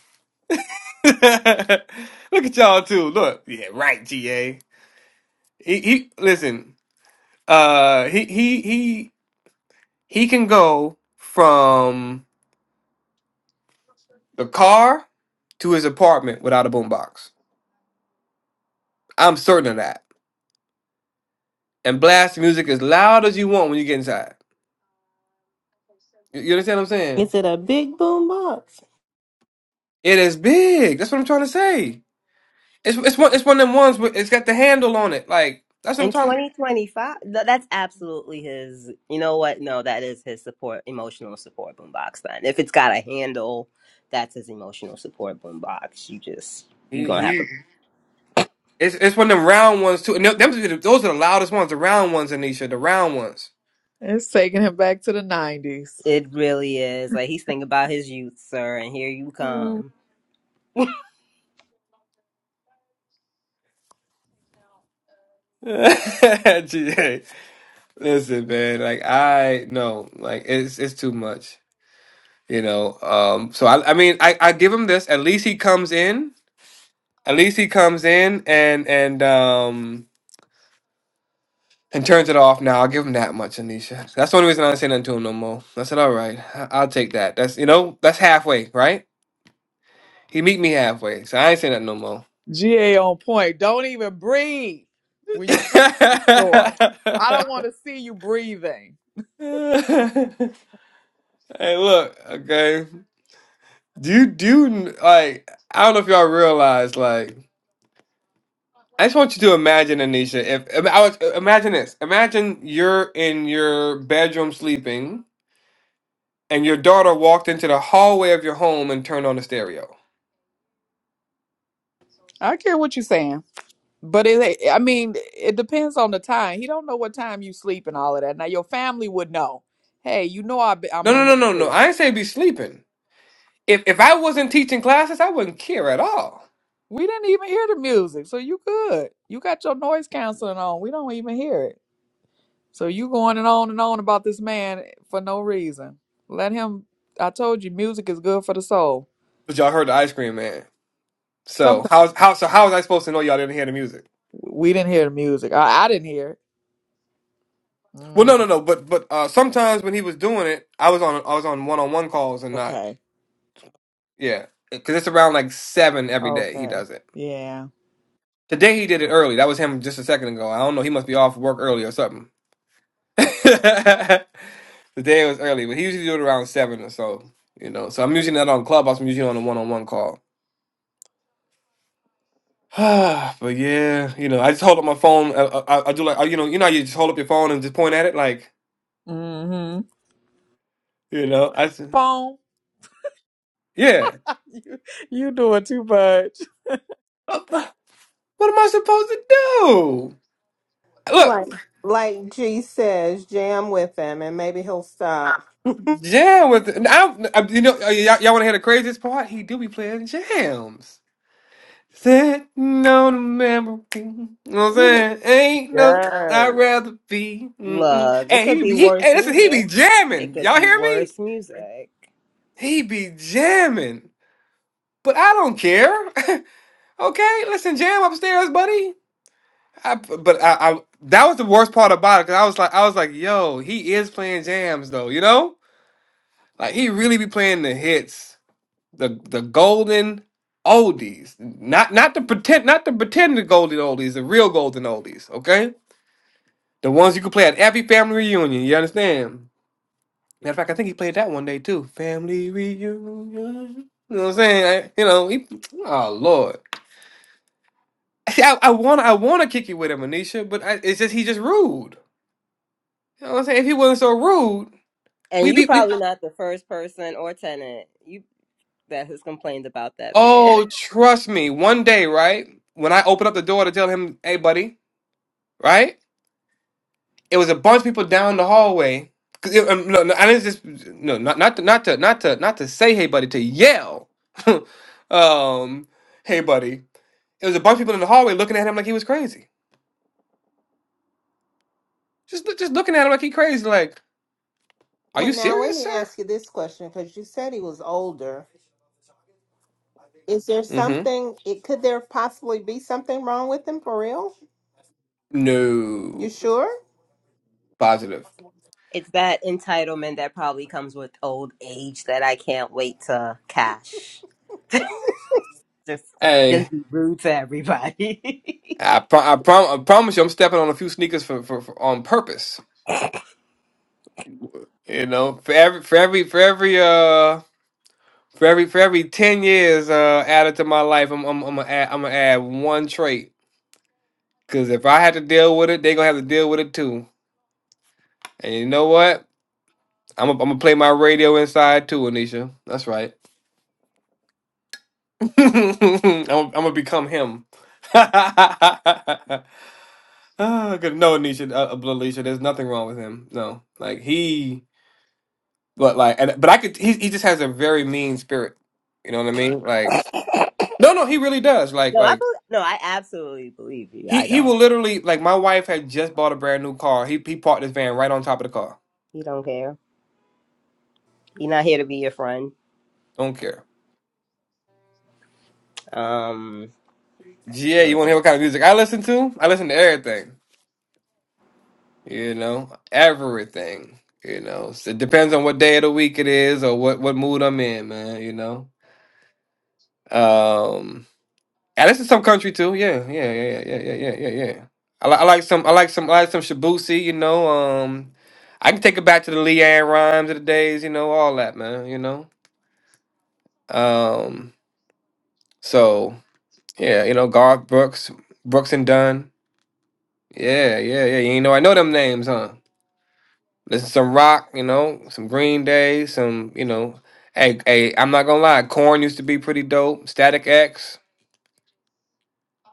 Speaker 2: [LAUGHS] Look at y'all too. Look, yeah, right, GA. He, he listen. Uh, he he he he can go from the car to his apartment without a boombox. I'm certain of that. And blast music as loud as you want when you get inside. You, you understand what I'm saying?
Speaker 6: is it a big boom box?
Speaker 2: It is big. That's what I'm trying to say. It's it's one it's one of them ones. Where it's got the handle on it. Like that's what
Speaker 3: In
Speaker 2: I'm talking.
Speaker 3: 2025, th- that's absolutely his. You know what? No, that is his support, emotional support boombox. Then, if it's got a handle, that's his emotional support boombox. You just you're gonna have
Speaker 2: He
Speaker 3: to.
Speaker 2: It's it's one of them round ones too. And th- them, those are the loudest ones, the round ones, Anisha, the round ones.
Speaker 1: It's taking him back to the nineties.
Speaker 3: It really is like he's thinking about his youth, sir, and here you come.
Speaker 2: [LAUGHS] Gee, hey, Listen, man, like I no, like it's it's too much, you know. Um, so I I mean I I give him this. At least he comes in. At least he comes in and and um and turns it off. Now I'll give him that much, Anisha. That's the only reason I don't say nothing to him no more. I said, all right, I- I'll take that. That's you know that's halfway, right? He meet me halfway, so I ain't say nothing no more.
Speaker 1: GA on point. Don't even breathe when you come to the door. I
Speaker 2: [LAUGHS]
Speaker 1: don't want to see you breathing.
Speaker 2: [LAUGHS] Hey, look, okay. Do you do you, like? I don't know if y'all realize, like. I just want you to imagine, Anisha. If I mean, I was, imagine this, imagine you're in your bedroom sleeping, and your daughter walked into the hallway of your home and turned on the stereo.
Speaker 1: I don't care what you're saying. But it, I mean, it depends on the time. He don't know what time you sleep and all of that. Now your family would know. Hey, you know I be,
Speaker 2: No,
Speaker 1: I'm
Speaker 2: no,
Speaker 1: in
Speaker 2: no,
Speaker 1: here.
Speaker 2: no, no.
Speaker 1: free."
Speaker 2: I ain't say be sleeping. If if I wasn't teaching classes, I wouldn't care at all.
Speaker 1: We didn't even hear the music, so you good. You got your noise canceling on. We don't even hear it. So you going and on and on about this man eh, for no reason. Let him. I told you, music is good for the soul.
Speaker 2: But y'all heard the ice cream man. So
Speaker 1: Sometimes
Speaker 2: how how so how was I supposed to know y'all didn't hear the music?
Speaker 1: we didn't hear the music. I, I didn't hear it.
Speaker 2: Well, no,
Speaker 1: Mm,
Speaker 2: no, no. But but uh, sometimes when he was doing it, I was on I was on one on one calls and not
Speaker 1: okay.
Speaker 2: yeah, because it's around like seven every day. He
Speaker 1: Okay.
Speaker 2: does it
Speaker 1: Yeah.
Speaker 2: today. He did it early. That was him just a second ago. I don't know. He must be off work early or something. [LAUGHS] today it was early, but he usually do it around seven or so. You know, so I'm usually not on Clubhouse. I'm usually on a one on one call. [SIGHS] but yeah, you know, I just hold up my phone. I, I, I do like uh, you know you know how you just hold up your phone and just point at it like
Speaker 1: Mm-hmm.
Speaker 2: you know I s-
Speaker 1: Phone.
Speaker 2: yeah.
Speaker 1: [LAUGHS] You you doing too much.
Speaker 2: What am I supposed to do? Look,
Speaker 6: Like, like G says, jam with him, and maybe he'll stop.
Speaker 2: jam with it. I don't, I- you know, uh, y'all, y'all want to hear the craziest part? He do be playing jams. Sitting on a memory. You know what I'm
Speaker 3: You-
Speaker 2: saying? Ain't no, I'd
Speaker 1: Yes.
Speaker 2: rather be. Mm-mm.
Speaker 3: Look, it
Speaker 2: And
Speaker 3: could
Speaker 2: he,
Speaker 3: be
Speaker 2: be- he,
Speaker 3: worse
Speaker 2: hey, listen, he be
Speaker 3: music. It
Speaker 2: jamming.
Speaker 3: could
Speaker 2: Y'all
Speaker 3: be
Speaker 2: hear me?
Speaker 3: worse music,
Speaker 2: He be jamming. But I don't care. [LAUGHS] okay, listen, jam upstairs, buddy. I, but I, I, that was the worst part about it because I was like, I was like, yo, he is playing jams though, you know? Like he really be playing the hits. the the golden oldies, not not the pretend, not the pretended golden oldies, the real golden oldies. Okay, the ones you can play at every family reunion. You understand? Matter of fact, I think he played that one day too. Family reunion. You know what I'm saying? I- you know, he, oh lord. See, I, I want I want to kick you with him, Anisha, but I, it's just he just rude. You know what I'm saying? If he wasn't so rude,
Speaker 3: and
Speaker 2: we
Speaker 3: you
Speaker 2: be we.
Speaker 3: probably not the first person or tenant you that has complained about that man. [LAUGHS]
Speaker 2: Oh, trust me. One day, right when I open up the door to tell him, "Hey, buddy," right? It was a bunch of people down the hallway. 'Cause it- um, no, no, I didn't just no, not not to not to not to not to say hey buddy to yell. [LAUGHS] um, hey buddy. It was a bunch of people in the hallway looking at him like he was crazy. Just look- just looking at him like he crazy. Like, are
Speaker 6: Well,
Speaker 2: you
Speaker 6: now let
Speaker 2: serious,
Speaker 6: me
Speaker 2: sir?
Speaker 6: ask you this question because you said he was older. Is there
Speaker 2: Mm-hmm.
Speaker 6: something? It could there possibly be something wrong with him for real? You
Speaker 2: No.
Speaker 6: sure?
Speaker 2: Positive.
Speaker 3: It's that entitlement that probably comes with old age that I can't wait to cash. [LAUGHS] just
Speaker 2: Hey,
Speaker 3: just be rude to everybody.
Speaker 2: I pro- I, prom- I promise you, I'm stepping on a few sneakers for, for, for on purpose. You know, for every for every for every uh. For every for every ten years uh, added to my life, I'm I'm I'm gonna add, I'm gonna add one trait. Cause if I had to deal with it, they gonna have to deal with it too. And you know what? I'm i I'm gonna play my radio inside too, Anisha. That's right. [LAUGHS] I'm, I'm gonna become him. [LAUGHS] Ah, Good. No, Anisha, uh, uh, Alicia, there's nothing wrong with him. No, like he, but like, and, but I could. He he just has a very mean spirit. You know what I mean? Like, no, no, he really does.
Speaker 3: [LAUGHS]
Speaker 2: Like,
Speaker 3: no, I
Speaker 2: like.
Speaker 3: bel no, I absolutely believe you.
Speaker 2: He
Speaker 3: I
Speaker 2: he
Speaker 3: don't.
Speaker 2: will literally like my wife had just bought a brand new car. He he parked his van right on top of the car.
Speaker 3: You don't care. You're not here to be your friend.
Speaker 2: Don't care.
Speaker 3: Um,
Speaker 2: Yeah,
Speaker 3: mm.
Speaker 2: you want to hear what kind of music I listen to? I listen to everything. You know, everything. You know, So it depends on what day of the week it is or what what mood I'm in, man. You know, um, I listen to some country too. Yeah, yeah, yeah, yeah, yeah, yeah, yeah, yeah. yeah. I, li- I like some. I like some. I like some Shibusi. You know, um, I can take it back to the Leanne rhymes of the days. You know, all that, man. You know, um, so. Yeah, you know, Garth Brooks, Brooks and Dunn. Yeah, yeah, yeah. You know, I know them names, huh? Listen, to some rock, you know, some Green Day, some, you know, hey, hey, I'm not gonna lie, Korn used to be pretty dope. Static X,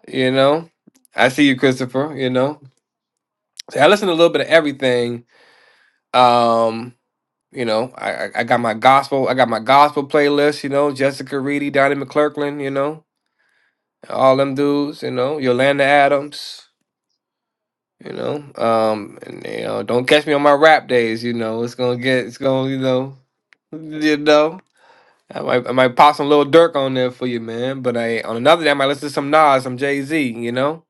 Speaker 2: you know. I see you, Christopher, you know. So I listen to a little bit of everything. Um, you know, I, I I got my gospel, I got my gospel playlist, you know, Jessica Reedy, Donnie McClurkin, you know, all them dudes, you know, Yolanda Adams. You know, um, and you know, don't catch me on my rap days. You know, it's gonna get, it's gonna, you know, you know, I might, I might pop some little Dirk on there for you, man. But I, on another day, I might listen to some Nas, some Jay Z. You know,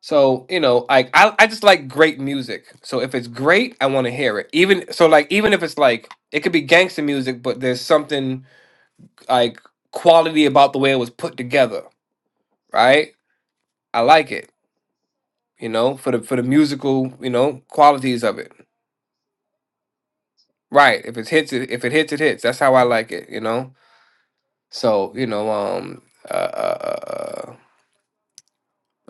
Speaker 2: so you know, like I, I just like great music. So if it's great, I want to hear it. Even so, like even if it's like it could be gangster music, but there's something like quality about the way it was put together, right? I like it. You know, for the for the musical, you know, qualities of it. Right. If it hits, it if it hits, it hits. That's how I like it, you know? So, you know, um uh, uh, uh uh,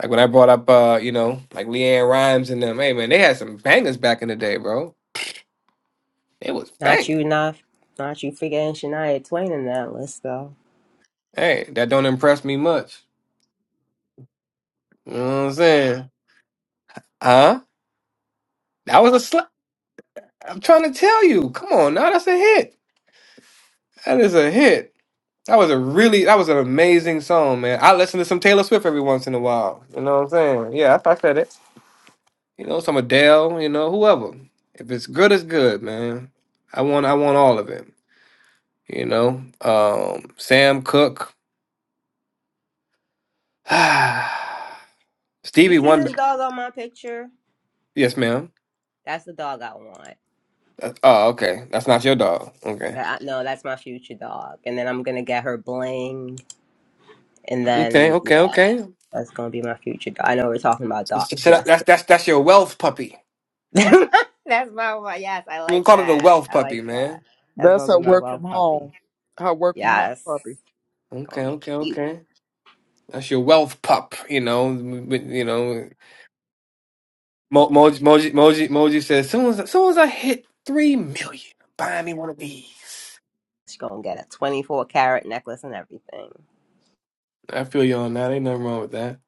Speaker 2: like when I brought up uh, you know, like Leanne Rhymes and them, hey man, they had some bangers back in the day, bro. It was
Speaker 3: not
Speaker 2: banging.
Speaker 3: you, not not you. Forgetting Shania Twain in that list though.
Speaker 2: Hey, that don't impress me much. You know what I'm saying? Huh? That was a sl- I'm trying to tell you. Come on now, that's a hit. That is a hit. That was a really that was an amazing song, man. I listen to some Taylor Swift every once in a while. You know what I'm saying? Yeah, I, I said it. You know, some Adele, you know, whoever. If it's good, it's good, man. I want I want all of it. You know? Um Sam Cooke. [SIGHS]
Speaker 3: You
Speaker 2: Stevie
Speaker 3: see this
Speaker 2: Wonder.
Speaker 3: dog on my picture?
Speaker 2: Yes, ma'am.
Speaker 3: That's the dog I want.
Speaker 2: Oh, okay. That's not your dog. Okay.
Speaker 3: That I, no, that's my future dog. And then I'm gonna get her bling. And
Speaker 2: Okay,
Speaker 3: then,
Speaker 2: okay,
Speaker 3: yeah,
Speaker 2: okay.
Speaker 3: that's gonna be my future. do- I know we're talking about dogs,
Speaker 2: So that-
Speaker 3: yes.
Speaker 2: that's that's that's your wealth puppy.
Speaker 3: [LAUGHS] that's my one. Yes, I
Speaker 2: We can
Speaker 3: like
Speaker 2: call it a
Speaker 3: that.
Speaker 2: wealth
Speaker 3: I
Speaker 2: puppy,
Speaker 3: like
Speaker 2: man.
Speaker 3: that. That's
Speaker 1: That's
Speaker 3: gonna be
Speaker 1: her
Speaker 3: my
Speaker 1: work from
Speaker 3: love puppy.
Speaker 1: home. Her work from home
Speaker 3: Yes,
Speaker 1: puppy.
Speaker 3: gonna
Speaker 2: Okay,
Speaker 3: be
Speaker 2: okay,
Speaker 3: cute.
Speaker 2: okay. That's your wealth pup, you know. But, You know, Mo- Moji Moji Moji Moji says, soon as soon as I hit three million, buy me one of these.
Speaker 3: She's gonna get a 24 carat necklace and everything.
Speaker 2: I feel you on that. Ain't nothing wrong with that.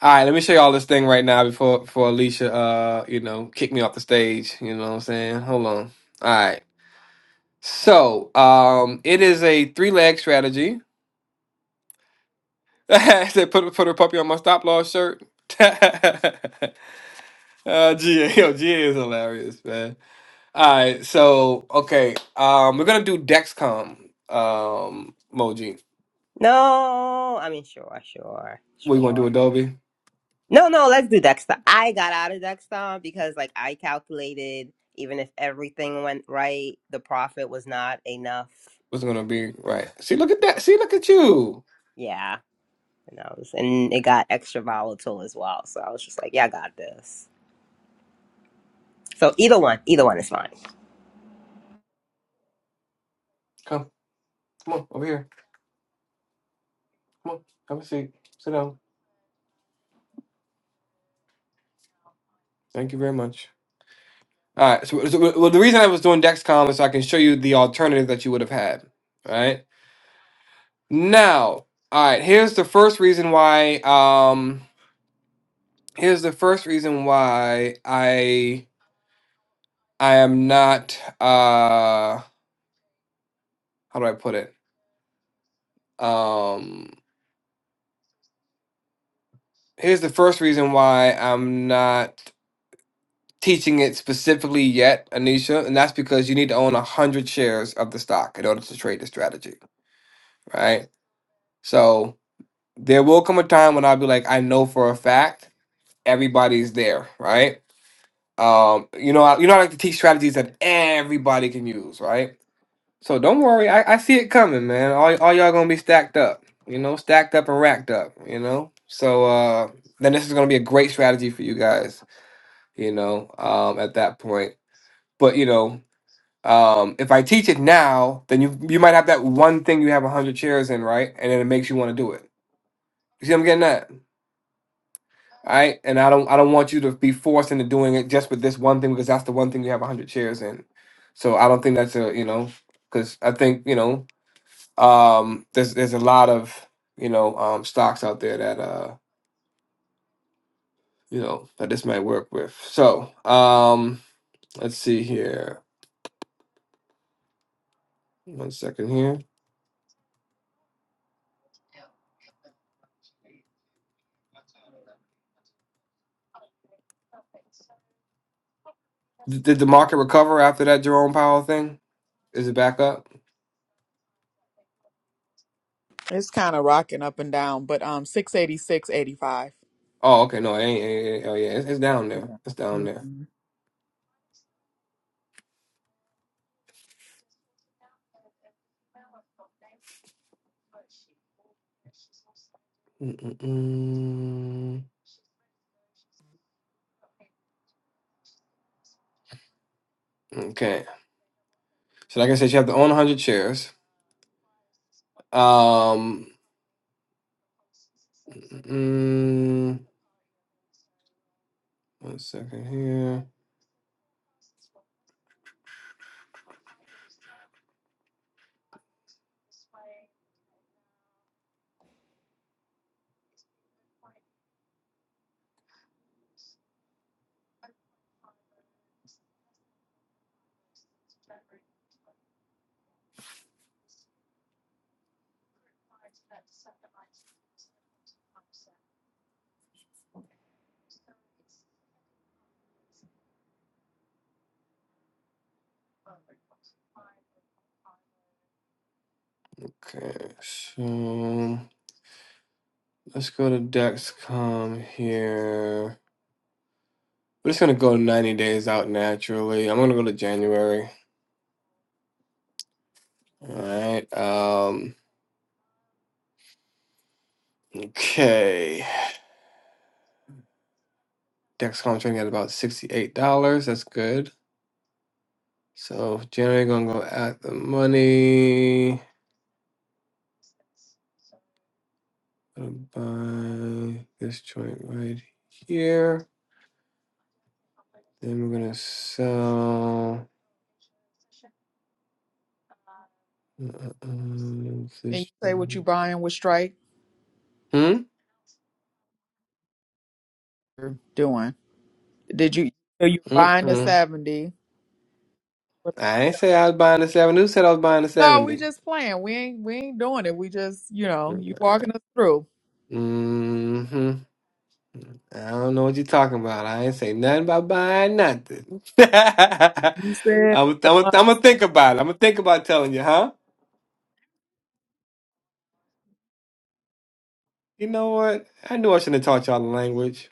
Speaker 2: All right, let me show y'all this thing right now before before Alicia uh, you know, kick me off the stage. You know what I'm saying? Hold on. All right. So, um, it is a three leg strategy. [LAUGHS] I said put put a puppy on my stop loss shirt. [LAUGHS] uh GA, yo, GA is hilarious, man. All right, so okay. Um we're gonna do Dexcom um Moji.
Speaker 3: No, I mean, sure, sure,
Speaker 2: What you wanna do,
Speaker 3: sure.
Speaker 2: Adobe?
Speaker 3: No, no, let's do Dexter. I got out of Dexter because, like, I calculated even if everything went right, the profit was not enough.
Speaker 2: What's it gonna be? Right. See, look at that.
Speaker 3: For-
Speaker 2: See, look at you.
Speaker 3: Yeah. And I was, and it got extra volatile as well. So I was just like, yeah, I got this. So either one, either one is fine.
Speaker 2: Come, come on, over here. Come on, have a seat. Sit down. Thank you very much. All right. So, so well, the reason I was doing Dexcom is so I can show you the alternative that you would have had. All right. Now, all right. Here's the first reason why. Um, here's the first reason why I I am not. Uh, how do I put it? Um, here's the first reason why I'm not teaching it specifically yet, Anisha, and that's because you need to own a hundred shares of the stock in order to trade the strategy, right? So there will come a time when I'll be like, I know for a fact everybody's there, right? Um, you know, I, you know, I like to teach strategies that everybody can use, right? So don't worry, I, I see it coming, man. All, all y'all gonna be stacked up, you know, stacked up and racked up, you know. So uh, then this is gonna be a great strategy for you guys, you know, um, at that point. But you know, um, if I teach it now, then you you might have that one thing you have hundred shares in, right? And then it makes you want to do it. You see, what I'm getting at. All right, and I don't I don't want you to be forced into doing it just with this one thing because that's the one thing you have 100 shares in. So I don't think that's a, you know, cuz I think, you know, um there's there's a lot of, you know, um stocks out there that uh, you know, that this might work with. So, um let's see here. One second here. D- Did the market recover after that Jerome Powell thing? Is it back up?
Speaker 1: It's kind of rocking up and down, but um, six eighty six eighty five.
Speaker 2: Oh, okay. No, it ain't. it ain't- oh, yeah. It's, it's down there.
Speaker 1: Yeah.
Speaker 2: It's down
Speaker 1: hmm
Speaker 2: there.
Speaker 1: Can
Speaker 2: Mm-mm-mm. Okay. So, like I said, you have to own 100 shares. Um, mm, one second here. Okay, so let's go to Dexcom here. We're just gonna go 90 days out naturally. I'm gonna go to January. All right. Um, okay. Dexcom trading at about $68. That's good. So January gonna go at the money. Gonna buy this joint right here. Then we're gonna sell uh, uh,
Speaker 1: you
Speaker 2: this
Speaker 1: say what you
Speaker 2: one.
Speaker 1: buying with Strike
Speaker 2: Hmm.
Speaker 1: doing? Did you are you buying the
Speaker 2: Mm-mm.
Speaker 1: seventy?
Speaker 2: I ain't say I was buying the seventy. Who said I was buying the
Speaker 1: No, we
Speaker 2: seventy?
Speaker 1: just playing. We ain't we ain't doing it. We just you know you walking us through.
Speaker 2: Mm-hmm. I don't know what you're talking about. I ain't say nothing about buying nothing. [LAUGHS] I
Speaker 1: You said
Speaker 2: was, I
Speaker 1: the
Speaker 2: was,
Speaker 1: money.
Speaker 2: I'm gonna think about it. I'm gonna think about telling you, huh? You know what? I knew I shouldn't have taught y'all the language.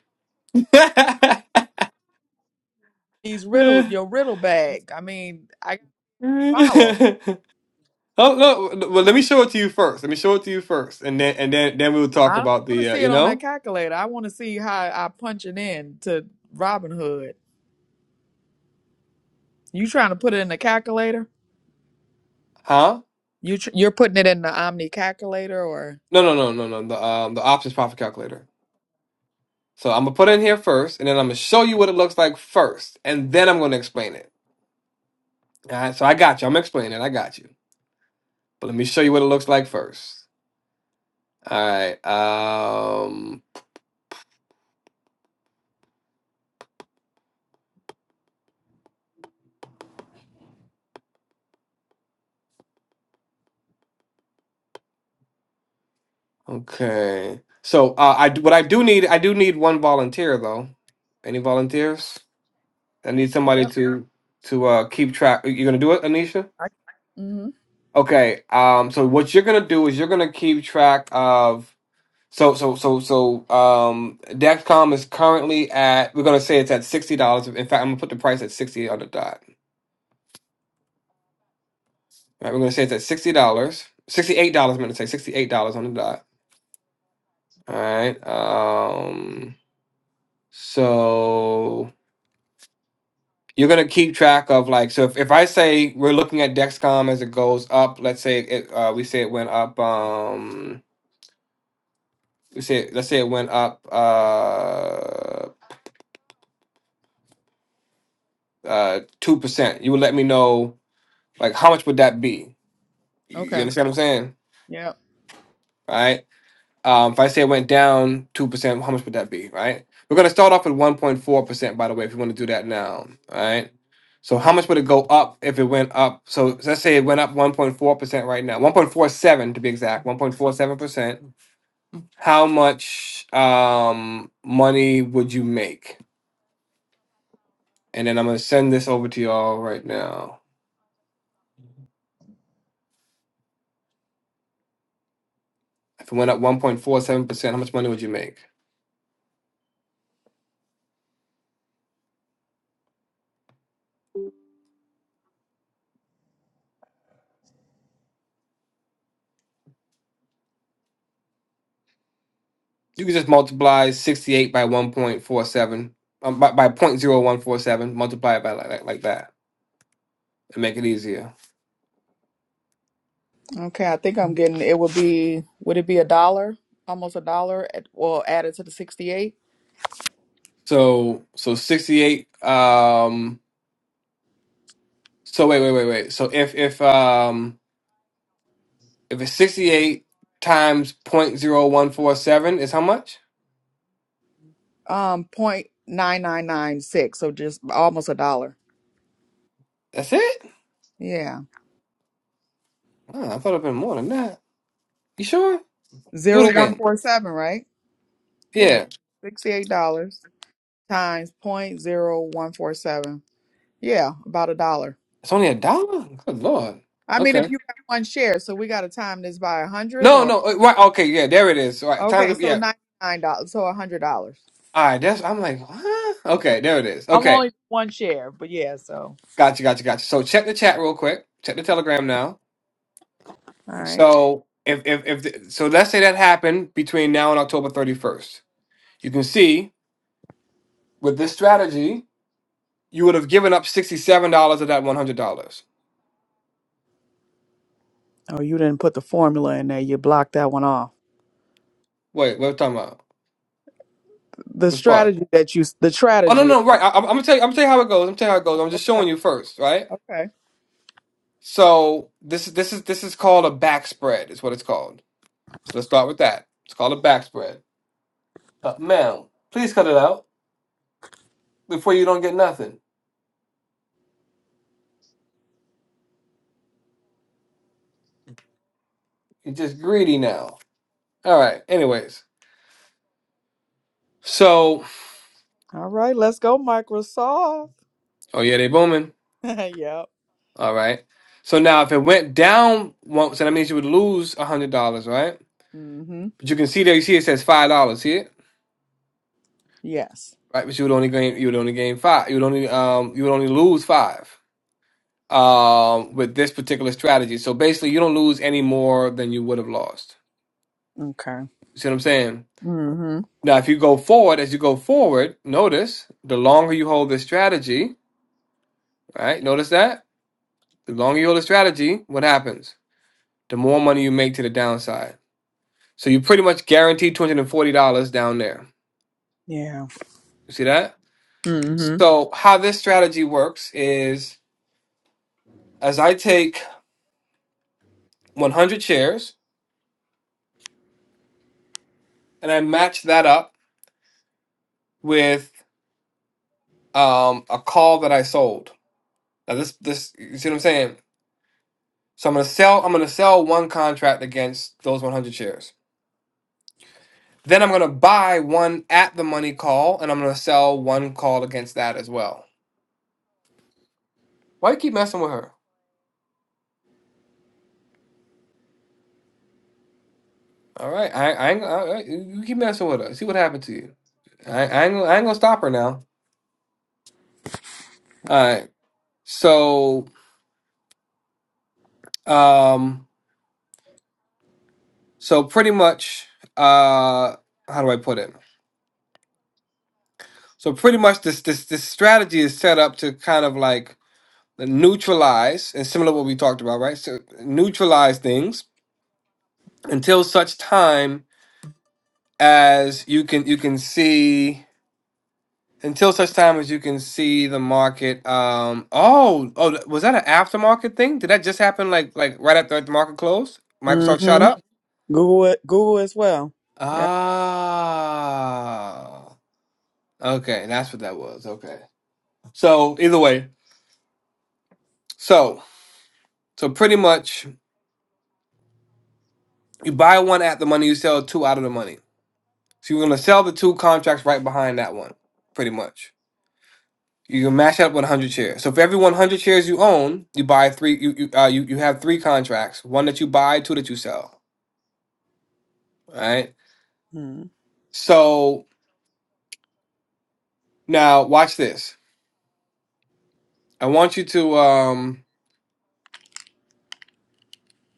Speaker 1: These riddle your riddle bag. I mean, I gotta follow.
Speaker 2: [LAUGHS] Oh no! Well, let me show it to you first. Let me show it to you first, and then and then then we'll talk
Speaker 1: I don't
Speaker 2: about
Speaker 1: want to
Speaker 2: the uh,
Speaker 1: see
Speaker 2: you
Speaker 1: it on that
Speaker 2: know,
Speaker 1: calculator. I want to see how I punch it in to Robin You trying to put it in the calculator?
Speaker 2: huh?
Speaker 1: You tr- you're putting it in the Omni calculator, or
Speaker 2: No, no, no, no, no. The um the options profit calculator. So I'm gonna put it in here first, and then I'm gonna show you what it looks like first, and then I'm gonna explain it. All right. So I got you. I'm explaining. it. I got you. But let me show you what it looks like first. All right. Um. Okay. So uh, I d- what I do need I do need one volunteer though. Any volunteers? I need somebody
Speaker 1: yep.
Speaker 2: to to uh keep track. You're gonna do it, Anisha?
Speaker 1: I- mm-hmm.
Speaker 2: Okay. Um. So what you're gonna do is you're gonna keep track of. So so so so. Um. Dexcom is currently at. We're gonna say it's at sixty dollars. In fact, I'm gonna put the price at sixty on the dot. Right. we right. We're gonna say it's at sixty dollars. Sixty eight dollars. I'm gonna say sixty eight dollars on the dot. All right. Um. So you're gonna keep track of like. So if, if I say we're looking at Dexcom as it goes up, let's say it. Uh, we say it went up. Um. We say let's say it went up uh uh two percent. You would let me know like how much would that be? You you
Speaker 1: Okay.
Speaker 2: understand what I'm saying?
Speaker 1: Yep.
Speaker 2: Right? Um, if I say it went down two percent, how much would that be? Right? We're gonna start off at one point four percent, by the way, if you want to do that now. All right. So how much would it go up if it went up? So let's say it went up one point four percent right now, one point four seven to be exact, one point four seven percent. How much um money would you make? And then I'm gonna send this over to y'all right now. If it went up one point four seven percent, how much money would you make? You can just multiply 68 by 1.47, um, by, by point zero one four seven. multiply it by like, like, like that and make it easier.
Speaker 1: Okay. I think I'm getting. It would be. Would it be a dollar? Almost a dollar. At, well, added to the sixty-eight.
Speaker 2: So, so 68, um, so wait, wait, wait, wait. So if, if, um, if it's 68 times point zero one four seven is how much?
Speaker 1: Um, point nine nine nine six. So just almost a dollar.
Speaker 2: That's it?
Speaker 1: Yeah.
Speaker 2: Oh, I thought it'd been more than that. You sure? Do
Speaker 1: Zero
Speaker 2: it
Speaker 1: one
Speaker 2: again.
Speaker 1: four seven. Right. Yes,
Speaker 2: Yeah.
Speaker 1: sixty-eight dollars times point zero one four seven. Yeah, about a dollar.
Speaker 2: It's only a dollar? Good Lord.
Speaker 1: I mean, if
Speaker 2: Okay.
Speaker 1: you got one share, so we got to time this by a hundred,
Speaker 2: No,
Speaker 1: or
Speaker 2: no. uh, Right. Okay. Yeah. There it is. All right. Times
Speaker 1: okay,
Speaker 2: up.
Speaker 1: so
Speaker 2: Yeah.
Speaker 1: ninety-nine dollars, so a hundred dollars.
Speaker 2: All right, that's I'm like, huh? Okay, there it is.
Speaker 1: I'm
Speaker 2: Okay,
Speaker 1: only one share, but yeah, so
Speaker 2: gotcha, gotcha, gotcha. So check the chat real quick. Check the Telegram now.
Speaker 1: all right.
Speaker 2: So if if if the, so, let's say that happened between now and October 31st. You can see with this strategy, you would have given up $67 of that $100.
Speaker 1: Oh, you didn't put the formula in there. You blocked that one off.
Speaker 2: Wait, what are we talking about?
Speaker 1: The
Speaker 2: Which part?
Speaker 1: strategy that you, the
Speaker 2: Oh no,
Speaker 1: strategy is
Speaker 2: no,
Speaker 1: gone.
Speaker 2: right. I, I'm I'm gonna tell you. I'm gonna tell you how it goes. I'm gonna tell you how it goes. I'm just showing
Speaker 1: Okay.
Speaker 2: you first, right?
Speaker 1: okay.
Speaker 2: So this is this is this is called a back spread. Is what it's called. So let's start with that. It's called a back spread. Uh, ma'am, please cut it out before you don't get nothing. You're just greedy now. All right. Anyways, so
Speaker 1: All right, let's go, Microsoft.
Speaker 2: oh yeah, they booming.
Speaker 1: [LAUGHS] yep.
Speaker 2: All right. So now if it went down once, so that means you would lose a hundred dollars, right?
Speaker 1: Mm-hmm.
Speaker 2: But you can see there. You see it says five dollars here,
Speaker 1: Yes.
Speaker 2: right? But you would only gain. You would only gain five. You would only um. You would only lose five um with this particular strategy. So basically, you don't lose any more than you would have lost.
Speaker 1: Okay.
Speaker 2: You see what I'm saying?
Speaker 1: Mm-hmm.
Speaker 2: Now, if you go forward, as you go forward, notice the longer you hold this strategy, right? Notice that the longer you hold the strategy, what happens? The more money you make to the downside. So you pretty much guarantee $240 down there. You see that?
Speaker 1: Yeah.
Speaker 2: So, how this strategy works is as I take 100 shares and I match that up with um, a call that I sold. Now, this, this, you see what I'm saying? So I'm gonna sell. I'm gonna sell one contract against those 100 shares. Then I'm going to buy one at the money call, and I'm going to sell one call against that as well. Why you keep messing with her? All right, I, I, ain't- I you keep messing with her. See what happened to you. I, I, ain't, I ain't gonna stop her now. All right. So, um, so pretty much, uh, how do I put it? So pretty much, this this this strategy is set up to kind of like neutralize, and similar to what we talked about, right? So neutralize things until such time as you can you can see until such time as you can see the market um oh oh was that an aftermarket thing did that just happen like like right after the market closed microsoft shot
Speaker 1: hmm
Speaker 2: up
Speaker 1: Google it, Google as well. Yeah.
Speaker 2: ah okay that's what that was okay so either way so so pretty much you buy one at the money you sell two out of the money so you're going to sell the two contracts right behind that one pretty much You can max out 100 shares. So for every 100 shares you own, you buy three. You you uh, you, you have three contracts. One that you buy, two that you sell. All right.
Speaker 1: Mhm.
Speaker 2: So now watch this. I want you to um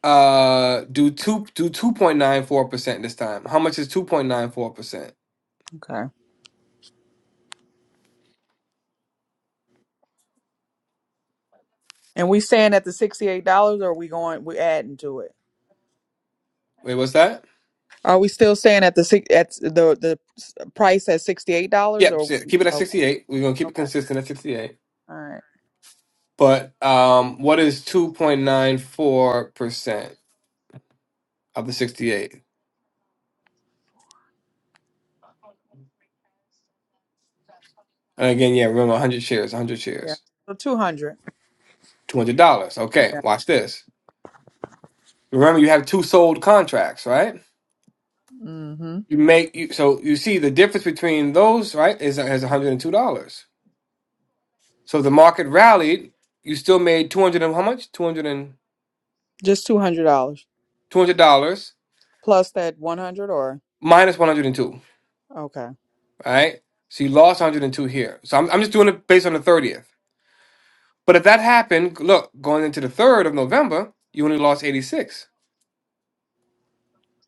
Speaker 2: uh do two do 2.94 percent this time. How much is 2.94 percent?
Speaker 1: Okay. And we staying at the sixty-eight dollars, or we going? We adding to it?
Speaker 2: Wait, what's that?
Speaker 1: Are we still staying at the six at the the s- price at sixty-eight dollars?
Speaker 2: Yep.
Speaker 1: Or
Speaker 2: si- Keep it at
Speaker 1: okay,
Speaker 2: 68. We're gonna keep it
Speaker 1: okay,
Speaker 2: consistent at 68.
Speaker 1: all right,
Speaker 2: But um, what is 2.94 percent of the 68? And again, yeah, remember 100 shares, 100
Speaker 1: yeah.
Speaker 2: shares.
Speaker 1: So two hundred.
Speaker 2: $200. Okay,
Speaker 1: Yeah.
Speaker 2: watch this. Remember, you have two sold contracts, right?
Speaker 1: Mm-hmm.
Speaker 2: You make you, so you see the difference between those, right? Is uh, is $102. So the market rallied, you still made 200 and how much? 200 and
Speaker 1: Just two hundred dollars
Speaker 2: $200
Speaker 1: plus that one hundred, or
Speaker 2: minus 102,
Speaker 1: okay.
Speaker 2: right? So you lost 102 here. So I'm, I'm just doing it based on the 30th. But if that happened, look, going into the 3rd of November, you only lost 86.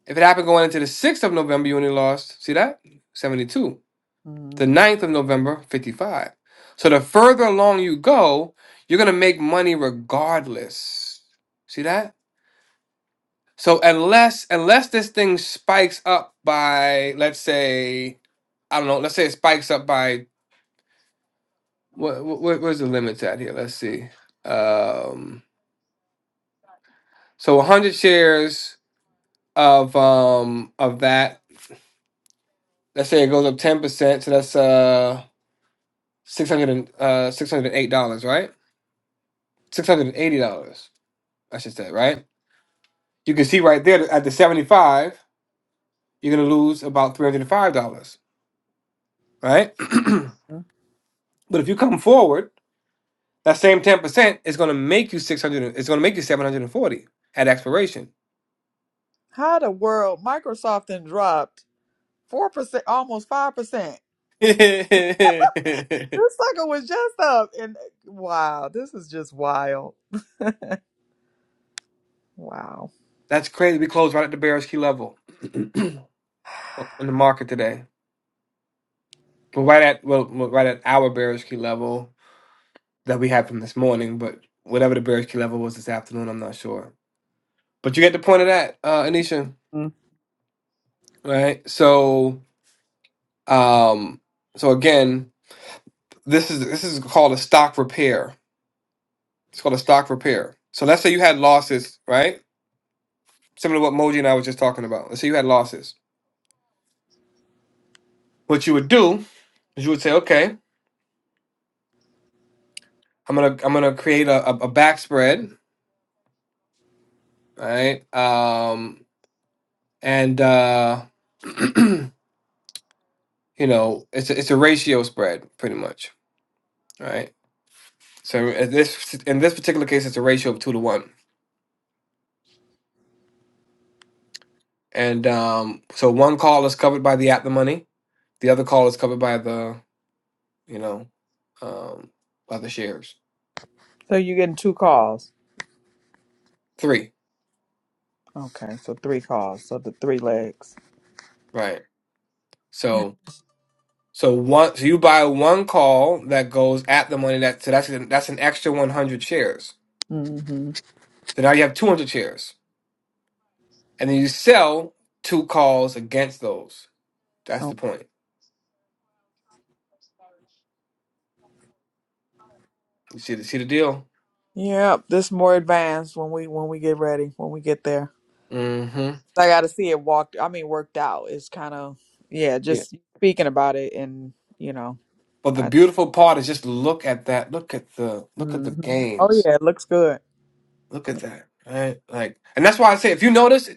Speaker 2: If it happened going into the 6th of November, you only lost, see that? 72. the
Speaker 1: Mm-hmm.
Speaker 2: ninth of November, 55. So the further along you go, you're going to make money regardless. See that? So unless unless this thing spikes up by let's say I don't know, let's say it spikes up by what, what where's the limits at here? Let's see. Um so 100 shares of um of that, let's say it goes up 10%, so that's uh 600 and, uh $608, right? $680, I should say, right? You can see right there that at the 75, you're going to lose about $305, right? [CLEARS THROAT] but if you come forward, that same 10% is going to make you 600 it's going to make you 740 at expiration.
Speaker 1: How the world Microsoft then dropped four percent, almost five percent.
Speaker 2: [LAUGHS] That's
Speaker 1: This sucker was just up, and wow, this is just wild. Wow.
Speaker 2: crazy. We closed right at the bearish key level [CLEARS THROAT] in the market today. But right at well, well, right at our bearish key level that we had from this morning, but whatever the bearish key level was this afternoon, I'm not sure. But you get the point of that, uh, Anisha,
Speaker 1: Mm.
Speaker 2: right? So Um, so again, this is this is called a stock repair. It's called a stock repair. So let's say you had losses, right? Similar to what Moji and I was just talking about. Let's say you had losses. What you would do is you would say, okay, I'm gonna I'm gonna create a, a, a back spread, right? Um, and uh, [CLEARS THROAT] you know it's a, it's a ratio spread pretty much, right? So in this in this particular case, it's a ratio of two to one, and um, so one call is covered by the at the money The other call is covered by the, you know, um, by the shares.
Speaker 1: So you're getting two calls.
Speaker 2: Three,
Speaker 1: Okay, so three calls. So the three legs.
Speaker 2: right? So, so one, so you buy one call that goes at the money that, so that's an, that's an extra 100 shares.
Speaker 1: Mm-hmm.
Speaker 2: So now you have 200 shares, and then you sell two calls against those. That's
Speaker 1: Oh.
Speaker 2: the point. You see the see the deal?
Speaker 1: Yep, this more advanced when we when we get ready when we get there.
Speaker 2: Mm-hmm.
Speaker 1: I got to see it walked. I mean, worked out. It's kind of yeah.
Speaker 2: Yeah.
Speaker 1: Just speaking about it, and you know,
Speaker 2: But the
Speaker 1: I.
Speaker 2: beautiful part is just look at that. Look at the look at the
Speaker 1: hmm Oh
Speaker 2: games.
Speaker 1: yeah, it looks good.
Speaker 2: Look at that, right? Like, and that's why I say, if you notice,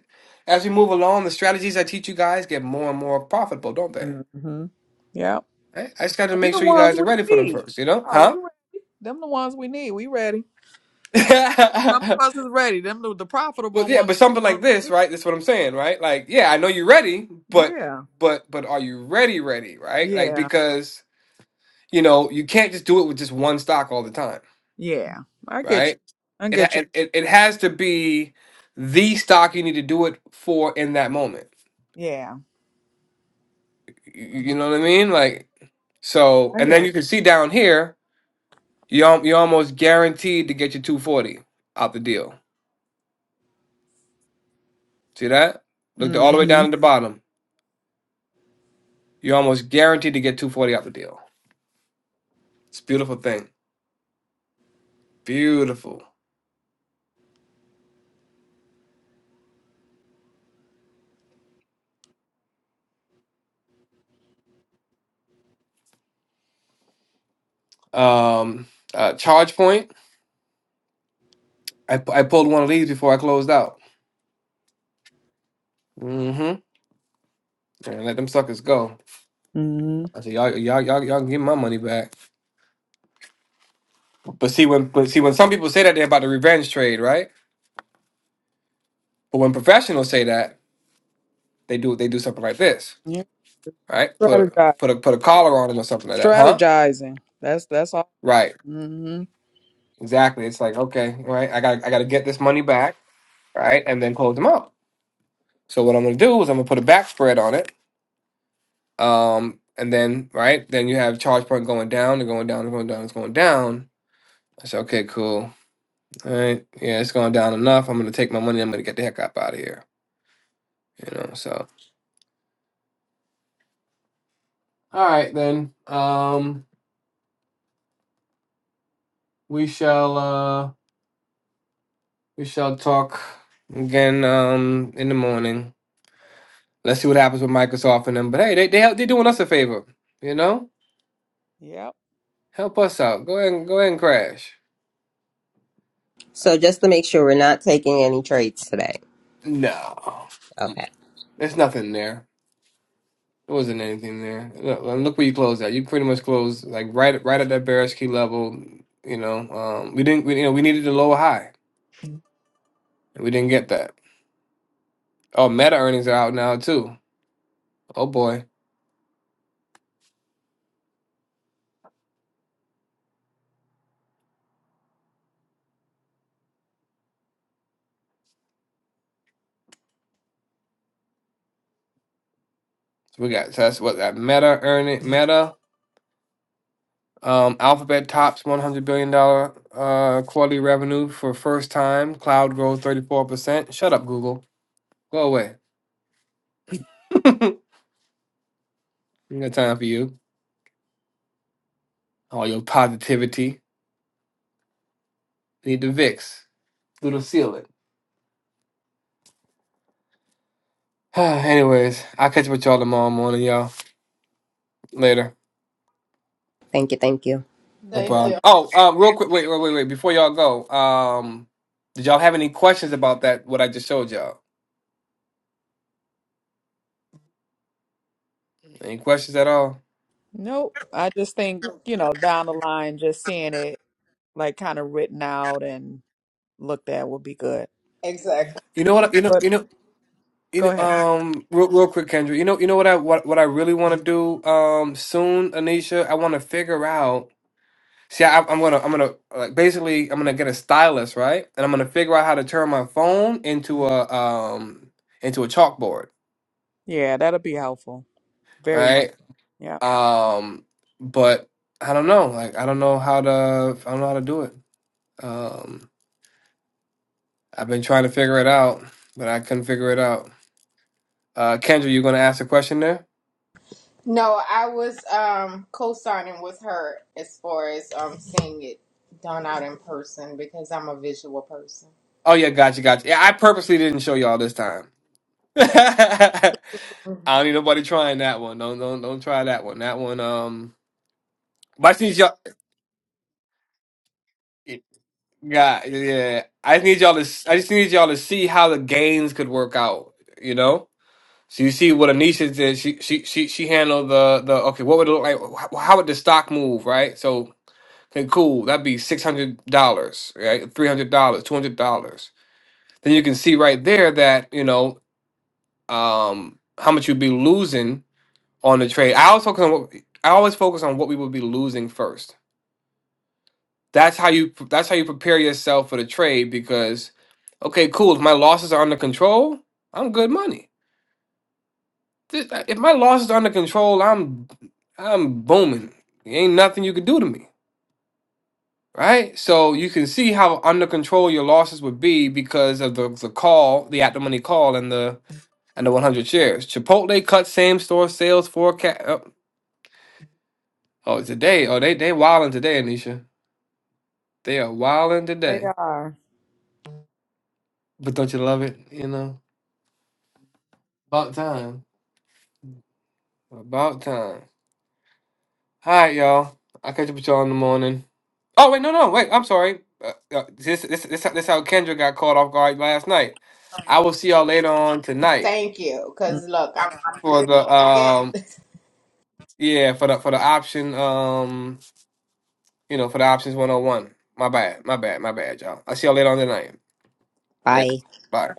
Speaker 2: as we move along, the strategies I teach you guys get more and more profitable, don't they?
Speaker 1: Mm-hmm. Yeah.
Speaker 2: Right? I just got to
Speaker 1: Them
Speaker 2: make
Speaker 1: the
Speaker 2: sure you
Speaker 1: ones
Speaker 2: guys are
Speaker 1: we
Speaker 2: ready for them
Speaker 1: need.
Speaker 2: first, you know?
Speaker 1: Are
Speaker 2: Huh?
Speaker 1: we ready? Them the ones we need. We ready. Some
Speaker 2: [LAUGHS]
Speaker 1: of us is ready. Them the, the
Speaker 2: but
Speaker 1: profitable
Speaker 2: yeah,
Speaker 1: ones.
Speaker 2: but
Speaker 1: The
Speaker 2: something like
Speaker 1: ones we
Speaker 2: this,
Speaker 1: need.
Speaker 2: right? That's what I'm saying, right? Like, yeah, I know you're ready, but
Speaker 1: Yeah.
Speaker 2: but but are you ready, ready, right? Like,
Speaker 1: Yeah.
Speaker 2: because you know you can't just do it with just one stock all the time,
Speaker 1: Yeah. I get you.
Speaker 2: right?
Speaker 1: I
Speaker 2: It ha-
Speaker 1: get you.
Speaker 2: it it it has to be the stock you need to do it for in that moment
Speaker 1: Yeah.
Speaker 2: You know what I mean? Like, so,
Speaker 1: I
Speaker 2: and
Speaker 1: hear
Speaker 2: then you can
Speaker 1: you.
Speaker 2: see down here, you al- you're almost guaranteed to get your 240 out the deal. See that? Look the- all the way
Speaker 1: Mm-hmm.
Speaker 2: down at the bottom. You're almost guaranteed to get 240 out the deal. It's a beautiful thing. Beautiful. Um, uh, charge point. I, pu- I pulled one of these before I closed out. Mm-hmm. And let them suckers go.
Speaker 1: Mm-hmm.
Speaker 2: I said, y'all, y'all, y'all, y'all can get my money back. But see, when but see when some people say that they're about the revenge trade, right? But when professionals say that, they do they do something like this.
Speaker 1: Yeah.
Speaker 2: right? Put
Speaker 1: Strategize.
Speaker 2: put a put a collar on him or something like that, huh?
Speaker 1: Strategizing. That's that's all.
Speaker 2: Right.
Speaker 1: Mm-hmm.
Speaker 2: Exactly. It's like, okay, right, I got I gotta get this money back, right? And then close them up. So what I'm gonna do is I'm gonna put a back spread on it. Um and then right, then you have charge point going down and going down and going down, it's going down. I said, okay, cool. All right, yeah, it's going down enough. I'm gonna take my money, I'm gonna get the heck up out of here. You know, so all right then. Um we shall uh we shall talk again um in the morning. Let's see what happens with Microsoft and them. But hey, they they help, they doing us a favor, you know?
Speaker 1: Yep.
Speaker 2: Help us out. Go ahead and go ahead and crash.
Speaker 3: So just to make sure we're not taking any trades today.
Speaker 2: No,
Speaker 3: Okay.
Speaker 2: there's nothing there. There wasn't anything there. Look, and look where you closed at. You pretty much closed like right right at that bearish key level. You know, um, we didn't. We, you know, we needed a lower high. and We didn't get that. Oh, Meta earnings are out now too. Oh boy, so we got so that's what that Meta earning Meta. Um, Alphabet tops $100 billion dollar uh, quarterly revenue for first time. Cloud grows 34%. Shut up, Google. Go away. [LAUGHS] Ain't got time for you. All your positivity. Need the VIX. Little seal it. [SIGHS] Anyways, I'll catch up with y'all tomorrow morning, y'all. Later.
Speaker 3: Thank you. Thank you.
Speaker 2: No
Speaker 7: Thank
Speaker 1: Later.
Speaker 2: problem.
Speaker 7: you.
Speaker 2: Oh, um, real quick. Wait, wait, wait, wait. Before y'all go, um, did y'all have any questions about that, what I just showed y'all? Any questions at all?
Speaker 1: Nope. I just think, you know, down the line, just seeing it like kind of written out and looked at would be good.
Speaker 7: Exactly.
Speaker 2: You know what? You know,
Speaker 1: But
Speaker 2: you know. You
Speaker 1: go ahead.
Speaker 2: know, um, real, real quick, Kendra. You know, you know what I what, what I really want to do um soon, Anisha. I want to figure out. See, I, I'm gonna I'm gonna like basically I'm gonna get a stylus, right? And I'm gonna figure out how to turn my phone into a um into a chalkboard,
Speaker 1: Yeah, that'll be helpful. Very much.
Speaker 2: right?
Speaker 1: so. Yeah,
Speaker 2: Um, but I don't know. Like, I don't know how to I don't know how to do it. Um, I've been trying to figure it out, but I couldn't figure it out. Uh, Kendra, you gonna ask a question there?
Speaker 7: No, I was um co-signing with her as far as um seeing it done out in person because I'm a visual person.
Speaker 2: Oh yeah, gotcha, gotcha. Yeah, I purposely didn't show y'all this time. [LAUGHS]
Speaker 7: Okay.
Speaker 2: I
Speaker 7: Mhm.
Speaker 2: don't need nobody trying that one. Don't don't don't try that one. That one. Um, but I just need y'all. Yeah yeah. I just need y'all to. I just need y'all to see how the gains could work out. You know. So you see what Anisha did. She she she she handled the the. Okay, what would it look like? How how would the stock move? Right. So okay, cool. That'd be six hundred dollars. Right. Three hundred dollars. Two hundred dollars. Then you can see right there that you know um how much you'd be losing on the trade. I always focus on what I always focus on what we would be losing first. That's how you that's how you prepare yourself for the trade because okay, cool. If my losses are under control, I'm good money. Th- uh, If my losses are under control, I'm I'm booming. There ain't nothing you could do to me, right? So you can see how under control your losses would be because of the the call, the at the money call, and the and the 100 shares. Chipotle cut same store sales forecast. Oh, oh, today. Oh, they they wilding today, Anisha. They are wilding
Speaker 1: they
Speaker 2: today.
Speaker 1: are.
Speaker 2: But don't you love it? You know? About time. About time. All right, y'all. I'll catch up with y'all in the morning. Oh, wait, no, no, wait. I'm sorry. Uh, uh, this, this, this, this how Kendra got caught off guard last night. I will see y'all later on tonight
Speaker 7: Thank you. Cause look, I'm,
Speaker 2: for the,
Speaker 7: I'm again.
Speaker 2: um, yeah, for the, for the option, um, you know, for the options 101. My bad, my bad, my bad, y'all. I'll see y'all later on tonight. Later.
Speaker 3: Bye.
Speaker 2: Bye.